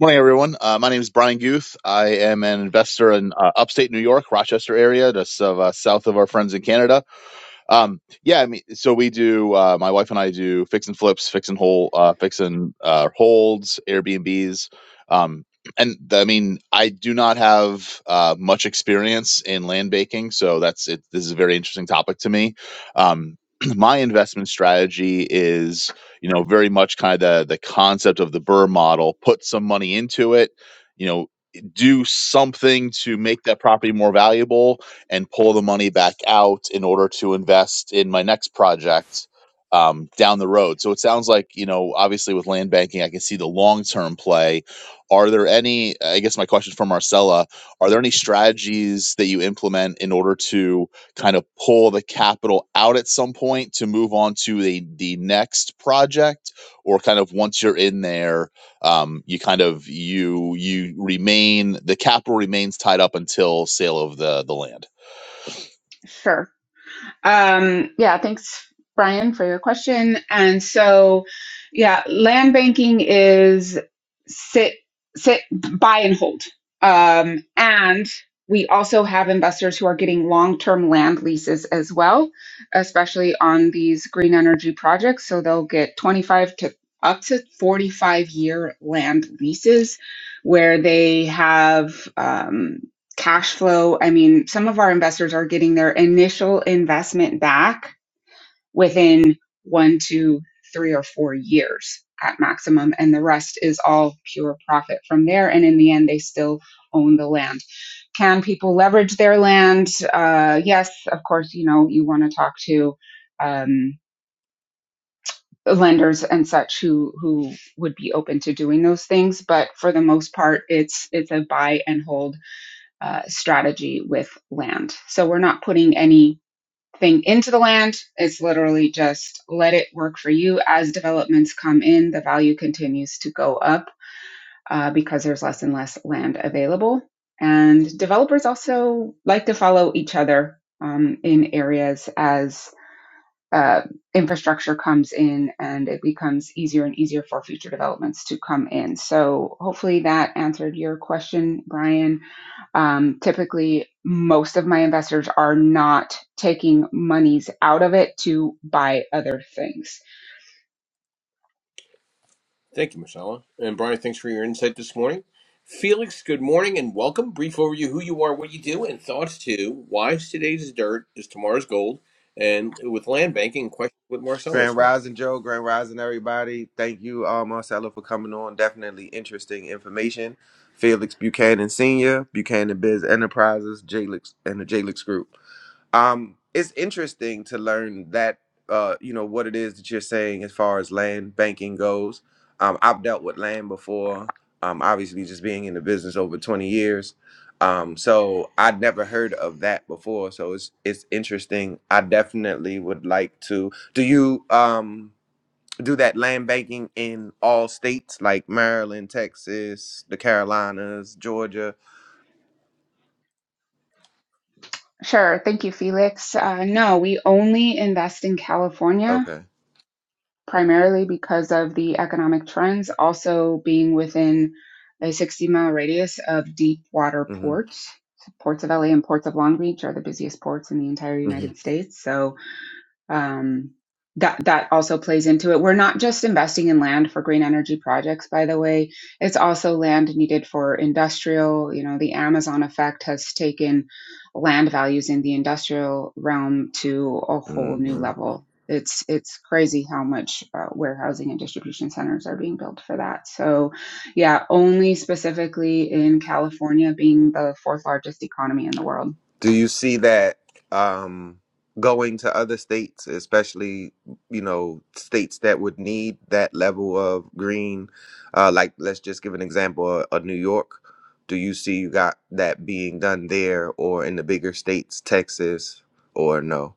S6: Morning, everyone. Uh, my name is Brian Guth. I am an investor in uh, upstate New York, Rochester area, just uh, south of our friends in Canada. Um, yeah, I mean, so we do. Uh, my wife and I do fix and flips, fix and hold, uh, fix and uh, holds, Airbnbs, um, and th- I mean, I do not have uh, much experience in land baking, so that's it. This is a very interesting topic to me. Um, my investment strategy is, you know, very much kind of the the concept of the Burr model. Put some money into it, you know, do something to make that property more valuable and pull the money back out in order to invest in my next project um, down the road. So it sounds like, you know, obviously with land banking, I can see the long term play. Are there any, I guess my question for Marcella, are there any strategies that you implement in order to kind of pull the capital out at some point to move on to the, the next project? Or kind of once you're in there, um, you kind of you you remain the capital remains tied up until sale of the the land.
S2: Sure. Um, yeah, thanks, Brian, for your question. And so, yeah, land banking is sit, sit, buy and hold. Um, and we also have investors who are getting long term land leases as well, especially on these green energy projects. So they'll get 25 to up to 45 year land leases where they have um, cash flow. I mean, some of our investors are getting their initial investment back within one, two, three, or four years at maximum, and the rest is all pure profit from there. And in the end, they still own the land. Can people leverage their land? Uh, yes, of course. You know, you want to talk to um, lenders and such who who would be open to doing those things, but for the most part, it's it's a buy and hold uh, strategy with land. So we're not putting anything into the land. It's literally just let it work for you. As developments come in, the value continues to go up uh, because there's less and less land available. And developers also like to follow each other um, in areas as uh, infrastructure comes in and it becomes easier and easier for future developments to come in. So hopefully that answered your question, Brian um, typically, most of my investors are not taking monies out of it to buy other things.
S1: Thank you, Marcella. And Brian, thanks for your insight this morning. Felix, good morning and welcome. Brief overview who you are, what you do, and thoughts to why today's dirt is tomorrow's gold and with land banking question with Marcella
S7: Grand
S1: this morning.
S7: Rising Joe, Grand Rising everybody. Thank you, uh, Marcella, for coming on. Definitely interesting information. Felix Buchanan Sr., Buchanan Biz Enterprises, Jalix, and the Jalix Group um it's interesting to learn that uh you know what it is that you're saying as far as land banking goes um i've dealt with land before um obviously just being in the business over 20 years um so i'd never heard of that before so it's it's interesting i definitely would like to do you um do that land banking in all states like maryland texas the carolinas georgia
S2: Sure. Thank you, Felix. Uh, no, we only invest in California
S7: okay
S2: primarily because of the economic trends, also being within a 60 mile radius of deep water
S7: mm-hmm
S2: ports. Ports of LA and ports of Long Beach are the busiest ports in the entire
S7: mm-hmm
S2: United States. So, um, that that also plays into it. We're not just investing in land for green energy projects, by the way. It's also land needed for industrial. You know, the Amazon effect has taken land values in the industrial realm to a whole
S7: Mm-hmm.
S2: new level. It's it's crazy how much uh, warehousing and distribution centers are being built for that. So, yeah, only specifically in California being the fourth largest economy in the world.
S7: Do you see that um, going to other states, especially you know states that would need that level of green? Uh, like, let's just give an example of, of New York. Do you see you got that being done there, or in the bigger states, Texas, or no?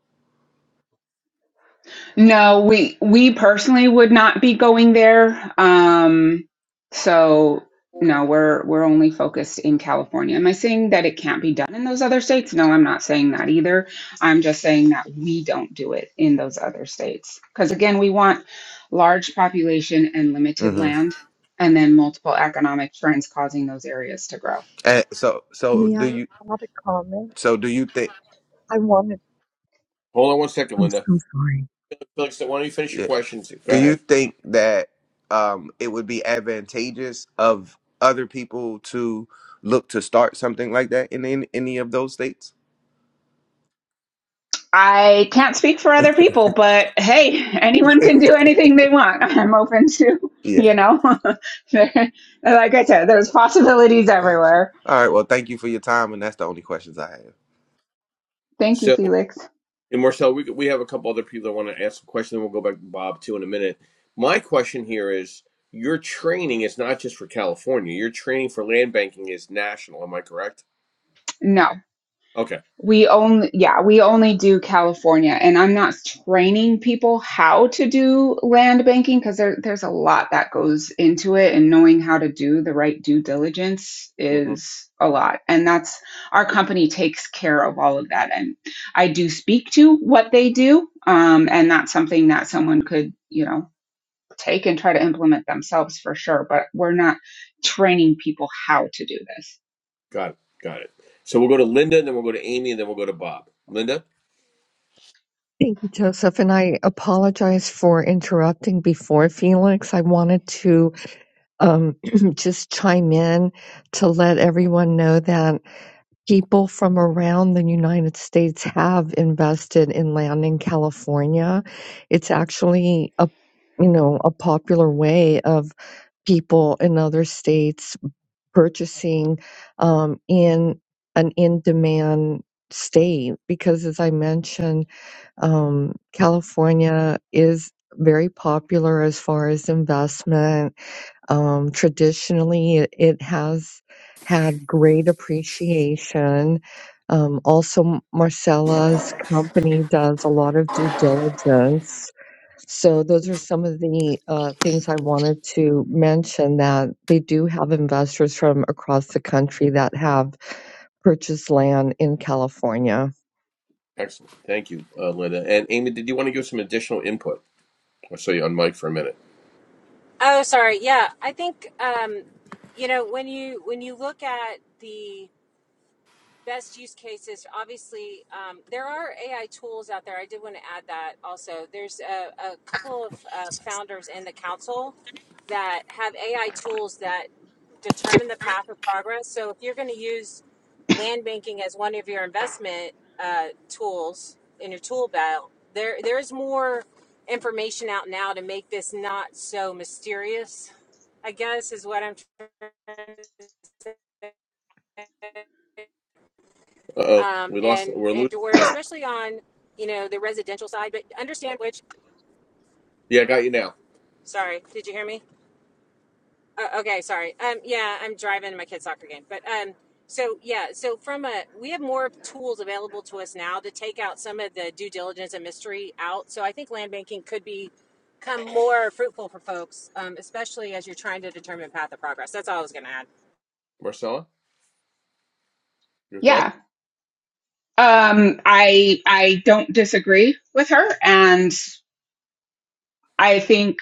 S2: No, we we personally would not be going there. Um, so no, we're we're only focused in California. Am I saying that it can't be done in those other states? No, I'm not saying that either. I'm just saying that we don't do it in those other states. Because again, we want large population and limited
S7: hmm
S2: land, and then multiple economic trends causing those areas to grow.
S7: And so, so
S3: May
S7: do
S3: I
S7: you?
S3: add a comment?
S7: So do you think?
S3: I wanted,
S1: Hold on one second,
S3: I'm
S1: Linda.
S3: so sorry.
S1: Felix, why don't you finish your
S7: yeah,
S1: questions? Go
S7: Do you
S1: ahead.
S7: think that um, it would be advantageous of other people to look to start something like that in, in any of those states?
S2: I can't speak for other people, but hey, anyone can do anything they want. I'm open to,
S7: Yeah,
S2: you know, like I said, there's possibilities
S7: gotcha.
S2: everywhere.
S7: All right. Well, thank you for your time, and that's the only questions I have.
S2: Thank you,
S1: So,
S2: Felix.
S1: and Marcel, we, we have a couple other people that want to ask a question, then we'll go back to Bob too in a minute. My question here is your training is not just for California, your training for land banking is national. Am I correct?
S2: No.
S1: Okay.
S2: We only, yeah, we only do California, and I'm not training people how to do land banking because there, there's a lot that goes into it, and knowing how to do the right due diligence
S1: Mm-hmm.
S2: is a lot. And that's our company takes care of all of that. And I do speak to what they do, um, and that's something that someone could, you know, take and try to implement themselves for sure. But we're not training people how to do this.
S1: Got it. Got it. So we'll go to Linda, and then we'll go to Amy, and then we'll go to Bob. Linda,
S3: Thank you, Joseph. And I apologize for interrupting before Felix. I wanted to um, just chime in to let everyone know that people from around the United States have invested in land in California. It's actually a you know a popular way of people in other states purchasing um, in an in-demand state because, as I mentioned, um, California is very popular as far as investment um, traditionally, it, it has had great appreciation. Um, also, M- Marcella's company does a lot of due diligence. So, those are some of the uh, things I wanted to mention that they do have investors from across the country that have purchased land in California.
S1: excellent. Thank you, uh, Linda. And Amy, did you want to give some additional input? I saw you on mic for a minute.
S4: Oh, sorry. Yeah, I think um, you know when you when you look at the best use cases obviously um, there are ai tools out there i did want to add that also there's a, a couple of uh, founders in the council that have ai tools that determine the path of progress so if you're going to use land banking as one of your investment uh, tools in your tool belt there there's more information out now to make this not so mysterious i guess is what i'm
S1: Uh oh,
S4: um,
S1: we lost.
S4: and
S1: We're
S4: and
S1: losing.
S4: to where
S1: Amy.
S4: especially on you know the residential side but understand which
S1: Yeah, I got you now,
S4: Sorry, did you hear me? Uh, okay, sorry. Um, yeah, I'm driving to my kid's soccer game. But um, so yeah, so from a we have more tools available to us now to take out some of the due diligence and mystery out. So I think land banking could be become more fruitful for folks, um, especially as you're trying to determine path of progress. That's all I was going to add.
S1: Marcella. Your
S2: Yeah,
S1: thoughts?
S2: Um, I I don't disagree with her, and I think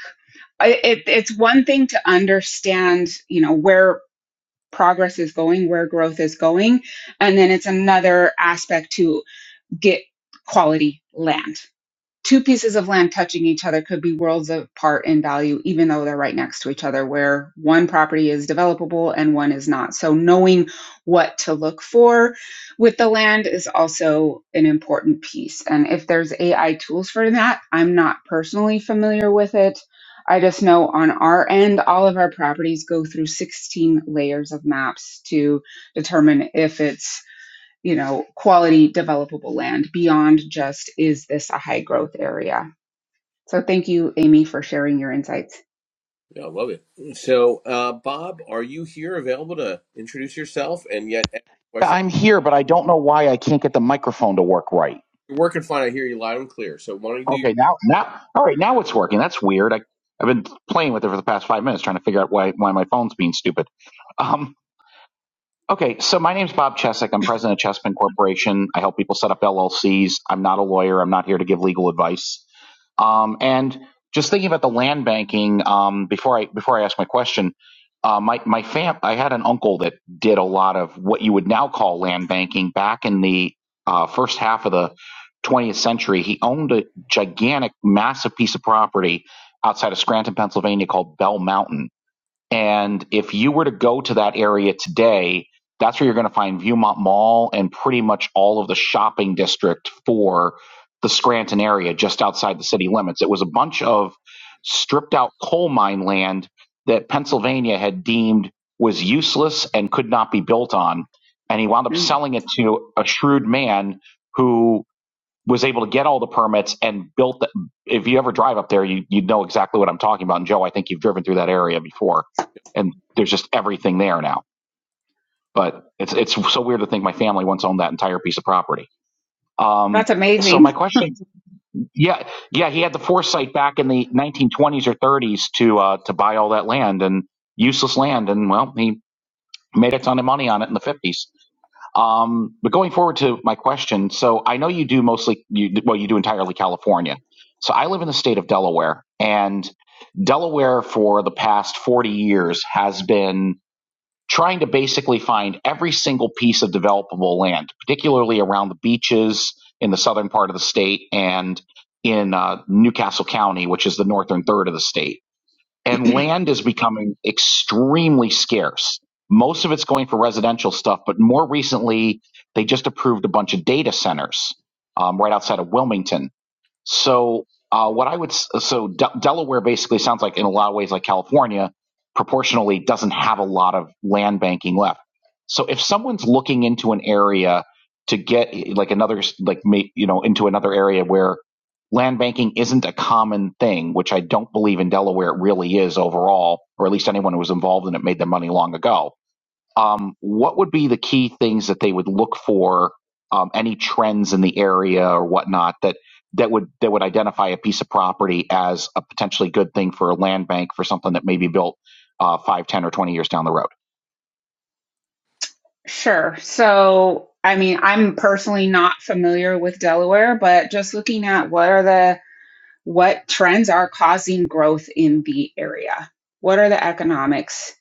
S2: I- it, it's one thing to understand, you know, where progress is going, where growth is going, and then it's another aspect to get quality land two pieces of land touching each other could be worlds apart in value, even though they're right next to each other, where one property is developable and one is not. So, knowing what to look for with the land is also an important piece. And if there's AI tools for that, I'm not personally familiar with it. I just know on our end, all of our properties go through 16 layers of maps to determine if it's you know, quality developable land beyond just is this a high growth area? So thank you, Amy, for sharing your insights.
S1: Yeah, I love it. So, uh, Bob, are you here, available to introduce yourself and yet ask a
S5: Yeah,
S1: question?
S5: I'm here, but I don't know why I can't get the microphone to work right.
S1: You're working fine. I hear you loud and clear. So, why don't you
S5: Okay, now, now, all right, now it's working. That's weird. I, I've been playing with it for the past five minutes, trying to figure out why why my phone's being stupid. Um. Okay, so my name's Bob Chesek. I'm president of Chespin Corporation. I help people set up LLCs. I'm not a lawyer. I'm not here to give legal advice. Um, and just thinking about the land banking um, before I before I ask my question, uh, my my fam I had an uncle that did a lot of what you would now call land banking back in the uh, first half of the 20th century. He owned a gigantic, massive piece of property outside of Scranton, Pennsylvania, called Bell Mountain and if you were to go to that area today, that's where you're going to find Viewmont Mall and pretty much all of the shopping district for the Scranton area just outside the city limits. It was a bunch of stripped out coal mine land that Pennsylvania had deemed was useless and could not be built on. And he wound up
S2: Mm,
S5: selling it to a shrewd man who was able to get all the permits and built the, if you ever drive up there you you know exactly what I'm talking about and Joe I think you've driven through that area before and there's just everything there now but it's it's so weird to think my family once owned that entire piece of property um
S2: That's
S5: so my
S2: amazing.
S5: question yeah yeah he had the foresight back in the 1920s or 30s to uh to buy all that land and useless land and well he made a ton of money on it in the 50s um, but going forward to my question, so I know you do mostly, you, well, you do entirely California. So I live in the state of Delaware, and Delaware for the past 40 years has been trying to basically find every single piece of developable land, particularly around the beaches in the southern part of the state and in uh, Newcastle County, which is the northern third of the state and land is becoming extremely scarce. Most of it's going for residential stuff, but more recently, they just approved a bunch of data centers um, right outside of Wilmington. So, uh, what I would so De- Delaware basically sounds like in a lot of ways like California, proportionally doesn't have a lot of land banking left. So, if someone's looking into an area to get like another like you know into another area where land banking isn't a common thing, which I don't believe in Delaware it really is overall, or at least anyone who was involved in it made their money long ago um, what would be the key things that they would look for? Um, any trends in the area or whatnot that that would that would identify a piece of property as a potentially good thing for a land bank for something that may be built uh, 5, ten, or twenty years down the road.
S2: Sure. So, I mean, I'm personally not familiar with Delaware, but just looking at what are the what trends are causing growth in the area? What are the economics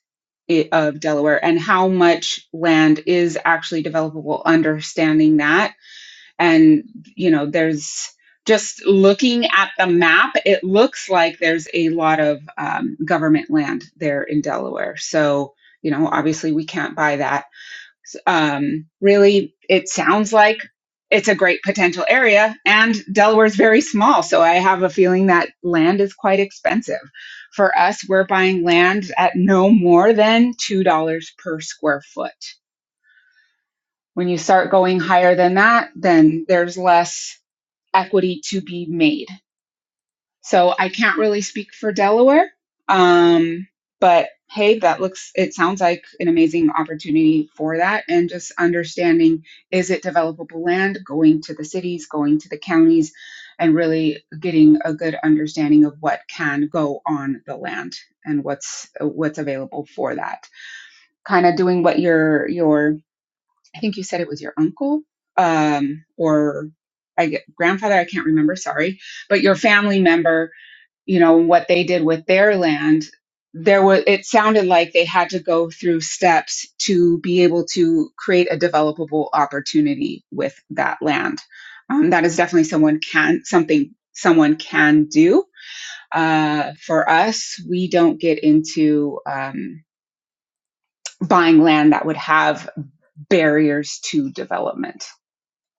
S2: i- of Delaware and how much land is actually developable understanding that and you know, there's just looking at the map, it looks like there's a lot of um, government land there in Delaware. So, you know, obviously we can't buy that um, really, it sounds like it's a great potential area, and Delaware is very small. So I have a feeling that land is quite expensive. For us, we're buying land at no more than $2 per square foot. When you start going higher than that, then there's less equity to be made. So I can't really speak for Delaware. Um, but hey, that looks, it sounds like an amazing opportunity for that. And just understanding is it developable land, going to the cities, going to the counties, and really getting a good understanding of what can go on the land and what's what's available for that. Kind of doing what your your I think you said it was your uncle um, or I get, grandfather I can't remember sorry, but your family member you know, and what they did with their land, there was it sounded like they had to go through steps to be able to create a developable opportunity with that land. Um, that is definitely someone can something someone can do. Uh, for us, we don't get into um, buying land that would have barriers to development.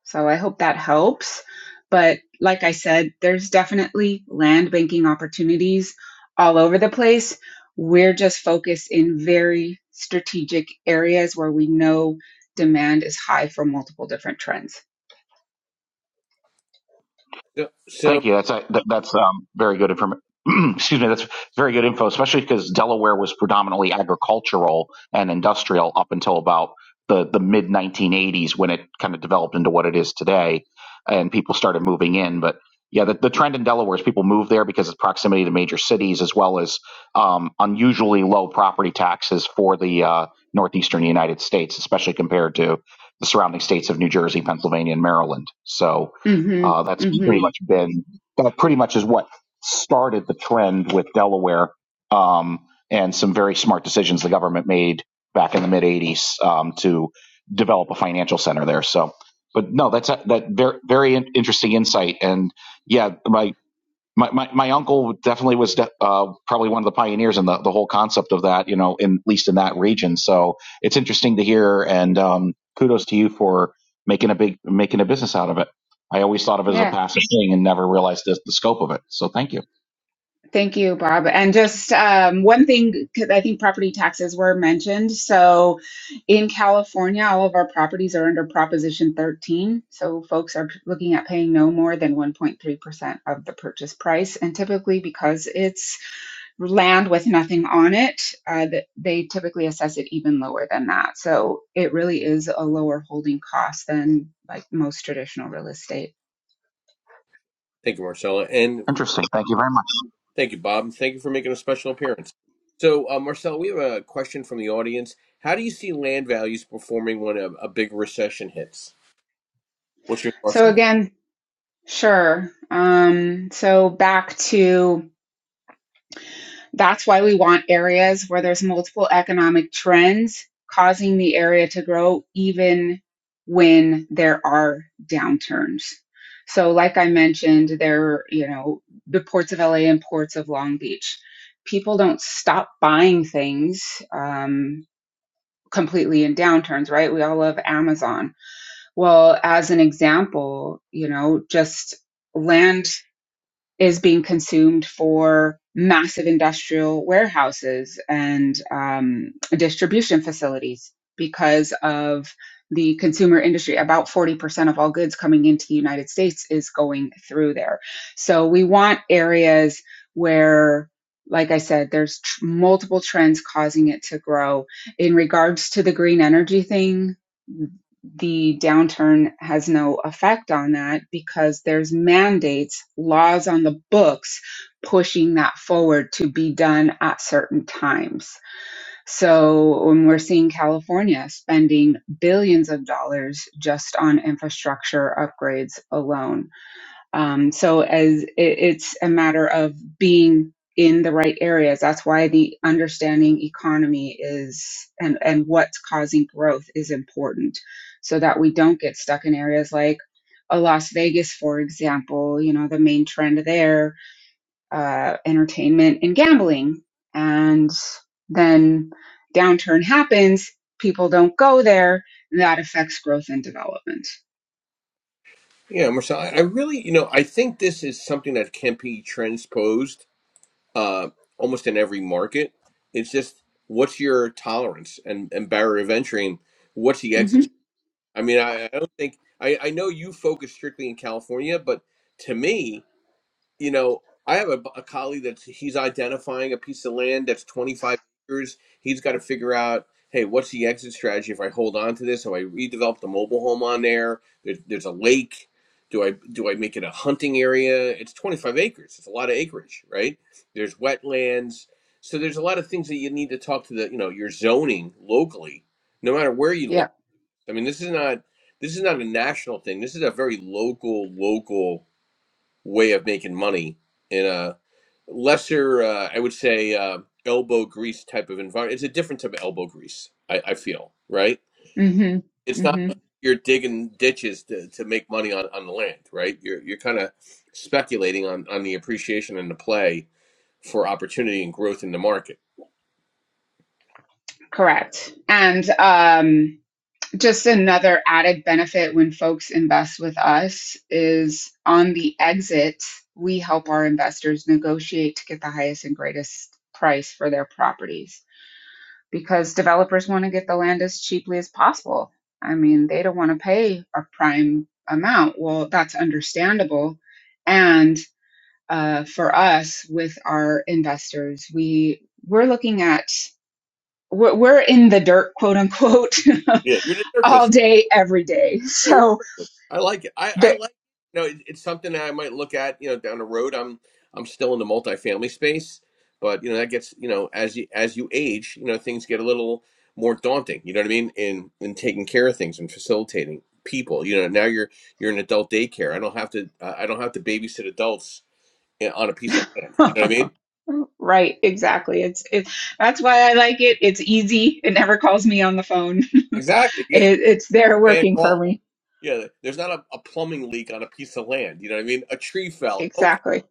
S2: So I hope that helps. But like I said, there's definitely land banking opportunities all over the place. We're just focused in very strategic areas where we know demand is high for multiple different trends.
S1: do? So,
S5: Thank you. That's uh, th- that's um, very good information. Excuse me. That's very good info, especially because Delaware was predominantly agricultural and industrial up until about the the mid 1980s when it kind of developed into what it is today, and people started moving in. But yeah, the, the trend in Delaware is people move there because of proximity to major cities, as well as um, unusually low property taxes for the uh, northeastern United States, especially compared to the surrounding states of New Jersey, Pennsylvania, and Maryland. So uh,
S2: Mm-hmm.
S5: that's pretty
S2: Mm-hmm.
S5: much been that pretty much is what started the trend with Delaware um, and some very smart decisions the government made back in the mid '80s um, to develop a financial center there. So, but no, that's a, that very very in- interesting insight. And yeah, my my, my, my uncle definitely was de- uh, probably one of the pioneers in the, the whole concept of that, you know, in, at least in that region. So it's interesting to hear, and um, kudos to you for making a big making a business out of it. I always thought of it as a
S2: Yeah.
S5: passive thing and never realized the, the scope of it. So thank you.
S2: Thank you, Bob. And just um, one thing, because I think property taxes were mentioned. So in California, all of our properties are under Proposition 13. So folks are looking at paying no more than 1.3% of the purchase price. And typically, because it's land with nothing on it, uh, th- they typically assess it even lower than that. So it really is a lower holding cost than like most traditional real estate.
S1: thank you, Marcella. And
S5: Interesting. Thank you very much.
S1: Thank you, Bob. Thank you for making a special appearance. So, uh, Marcel, we have a question from the audience. How do you see land values performing when a, a big recession hits? What's your thoughts
S2: So
S1: on that?
S2: again, Sure. Um, so back to that's why we want areas where there's multiple economic trends causing the area to grow even when there are downturns. So like I mentioned, there, you know, the ports of LA and ports of Long Beach. People don't stop buying things um, completely in downturns, right? We all love Amazon. Well, as an example, you know, just land is being consumed for massive industrial warehouses and um, distribution facilities because of the consumer industry. About 40% of all goods coming into the United States is going through there. So we want areas where like I said, there's tr- multiple trends causing it to grow. In regards to the green energy thing, the downturn has no effect on that because there's mandates, laws on the books pushing that forward to be done at certain times. So when we're seeing California spending billions of dollars just on infrastructure upgrades alone um, so as it, it's a matter of being in the right areas. That's why the understanding economy is and and what's causing growth is important, so that we don't get stuck in areas like a Las Vegas, for example. You know the main trend there, uh, entertainment and gambling, and then downturn happens. People don't go there. And that affects growth and development.
S1: Yeah, Marcel, I, I really, you know, I think this is something that can be transposed uh, almost in every market. It's just what's your tolerance and, and barrier of entry and what's the
S2: hmm
S1: exit? I mean, I, I don't think, I, I know you focus strictly in California, but to me, you know, I have a, a colleague that's he's identifying a piece of land that's 25 acres. He's got to figure out, hey, what's the exit strategy if I hold on to this? Do I redevelop the mobile home on there? There's, there's a lake. Do I do I make it a hunting area? It's 25 acres. It's a lot of acreage, right? There's wetlands. So there's a lot of things that you need to talk to the, you know, your zoning locally, no matter where you look.
S2: Yeah.
S1: I mean, this is not this is not a national thing. This is a very local local way of making money in a lesser, uh, I would say, uh, elbow grease type of environment. It's a different type of elbow grease, I, I feel, right?
S2: hmm
S1: It's
S2: hmm
S1: not like you're digging ditches to, to make money on, on the land, right? You're, you're kind of speculating on, on the appreciation and the play for opportunity and growth in the market.
S2: Correct. And um, just another added benefit when folks invest with us is on the exit, we help our investors negotiate to get the highest and greatest price for their properties because developers want to get the land as cheaply as possible. I mean, they don't want to pay a prime amount. Well, that's understandable. And uh, for us, with our investors, we we're looking at we're, in the dirt, quote unquote,
S1: Yeah, you're the circus.
S2: all day, every day.
S1: You're
S2: So
S1: nervous. I like it. I, I
S2: there.
S1: like you know it, it's something that I might look at you know down the road. I'm I'm still in the multifamily space, but you know that gets you know as you as you age, you know things get a little more daunting. You know what I mean? In in taking care of things and facilitating people. You know now you're you're an adult daycare. I don't have to uh, I don't have to babysit adults in, on a piece of land. You know what I mean?
S2: right exactly it's it, that's why i like it it's easy it never calls me on the phone
S1: Exactly. Yeah,
S2: it, it's there
S1: man.
S2: working for
S1: Call.
S2: me
S1: Yeah, there's not a, a plumbing leak on a piece of land. You know what I mean? A tree fell. Okay.
S2: exactly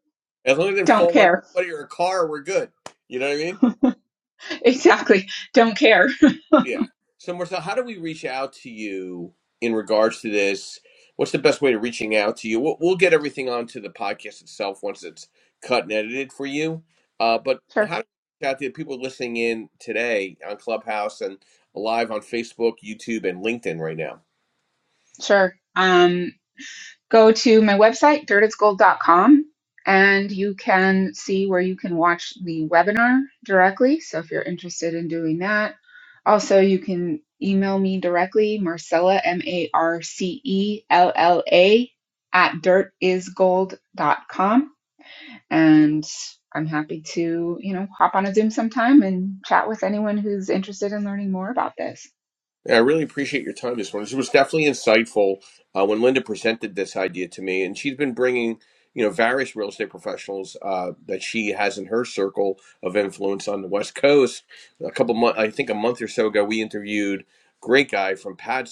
S1: As long as it didn't
S2: don't
S1: fall on
S2: care
S1: anybody or a car, we're good. You know what I mean?
S2: exactly don't care
S1: Yeah. So Marcel, how do we reach out to you in regards to this? What's the best way to reaching out to you? We'll, we'll get everything onto the podcast itself once it's cut and edited for you. Uh, but
S2: sure
S1: how do we reach out to the people listening in today on Clubhouse and live on Facebook, YouTube, and LinkedIn right now?
S2: sure Um. go to my website, dirtitsgold.com, and you can see where you can watch the webinar directly. So if you're interested in doing that, also you can email me directly, Marcella, M A R C E L L A, at dirtisgold.com. And I'm happy to, you know, hop on a Zoom sometime and chat with anyone who's interested in learning more about this.
S1: Yeah, I really appreciate your time this morning. This was definitely insightful uh, when Linda presented this idea to me, and she's been bringing you know various real estate professionals uh, that she has in her circle of influence on the West Coast. A couple months, I think a month or so ago, we interviewed a great guy from PadSplit,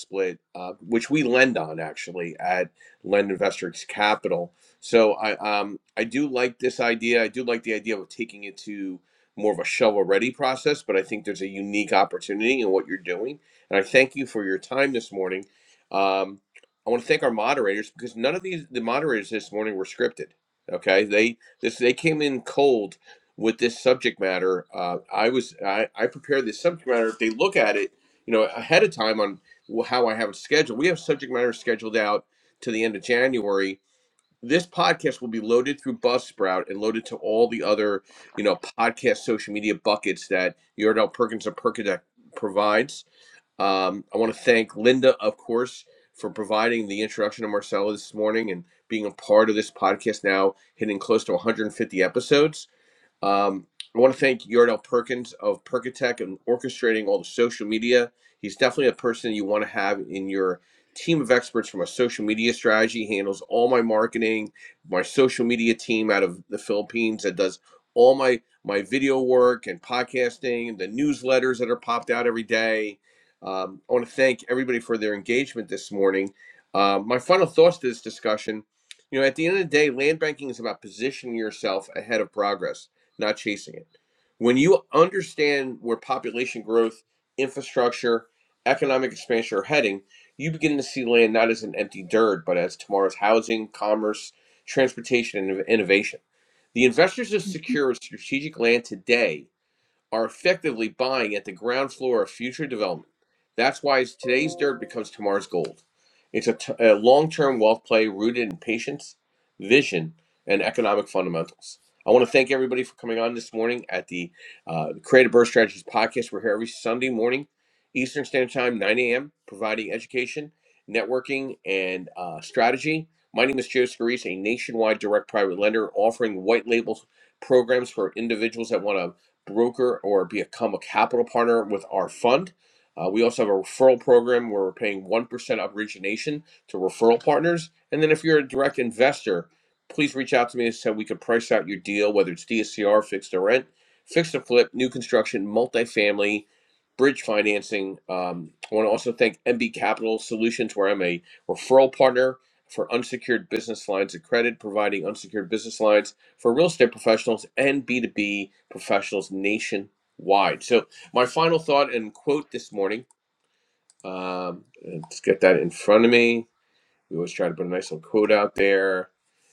S1: uh, which we lend on actually at Lend Investors Capital. So I um, I do like this idea. I do like the idea of taking it to more of a shovel ready process, but I think there's a unique opportunity in what you're doing and I thank you for your time this morning. Um, I want to thank our moderators because none of these the moderators this morning were scripted. Okay, they this they came in cold with this subject matter. Uh, I was I, I prepared this subject matter. If they look at it, you know, ahead of time on wh- how I have it scheduled, we have subject matter scheduled out to the end of January. This podcast will be loaded through Buzzsprout and loaded to all the other, you know, podcast social media buckets that Yordell Perkins of Perkadex provides um, I want to thank Linda, of course, for providing the introduction to Marcella this morning and being a part of this podcast now, hitting close to 150 episodes. Um, I want to thank Yordell Perkins of Perkatech and orchestrating all the social media. He's definitely a person you want to have in your team of experts from a social media strategy. He handles all my marketing, my social media team out of the Philippines that does all my my video work and podcasting, the newsletters that are popped out every day. Um, I want to thank everybody for their engagement this morning. Uh, my final thoughts to this discussion, you know, at the end of the day, land banking is about positioning yourself ahead of progress not chasing it. When you understand where population growth, infrastructure, economic expansion are heading, you begin to see land not as an empty dirt, but as tomorrow's housing, commerce, transportation, and innovation. The investors of secure strategic land today are effectively buying at the ground floor of future development. That's why today's dirt becomes tomorrow's gold. It's a, t- a long-term wealth play rooted in patience, vision, and economic fundamentals. I want to thank everybody for coming on this morning at the uh, Creative Birth Strategies podcast. We're here every Sunday morning, Eastern Standard Time, 9 a.m., providing education, networking, and uh, strategy. My name is Joe Scarice, a nationwide direct private lender offering white label programs for individuals that want to broker or become a capital partner with our fund. Uh, we also have a referral program where we're paying 1% of origination to referral partners. And then if you're a direct investor, please reach out to me so we can price out your deal, whether it's DSCR, fixed to rent, fixed to flip, new construction, multifamily, bridge financing. Um, I want to also thank MB Capital Solutions, where I'm a referral partner for unsecured business lines of credit, providing unsecured business lines for real estate professionals and B2B professionals nationwide. So, my final thought and quote this morning um, let's get that in front of me. We always try to put a nice little quote out there.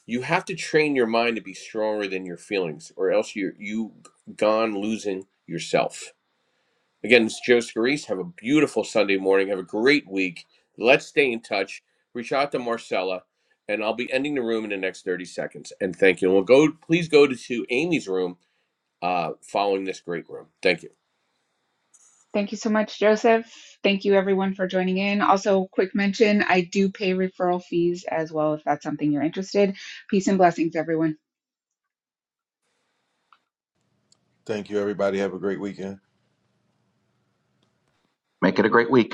S1: You have to train your mind to be stronger than your feelings, or else you're you gone losing yourself. Again, it's Joe Scarice. Have a beautiful Sunday morning. Have a great week. Let's stay in touch. Reach out to Marcella, and I'll be ending the room in the next 30 seconds. And thank you. And we'll go. Please go to to Amy's room uh, following this great room. Thank you.
S2: Thank you so much, Joseph. Thank you, everyone, for joining in. Also, quick mention I do pay referral fees as well if that's something you're interested. Peace and blessings, everyone.
S7: Thank you, everybody. Have a great weekend.
S5: Make it a great week.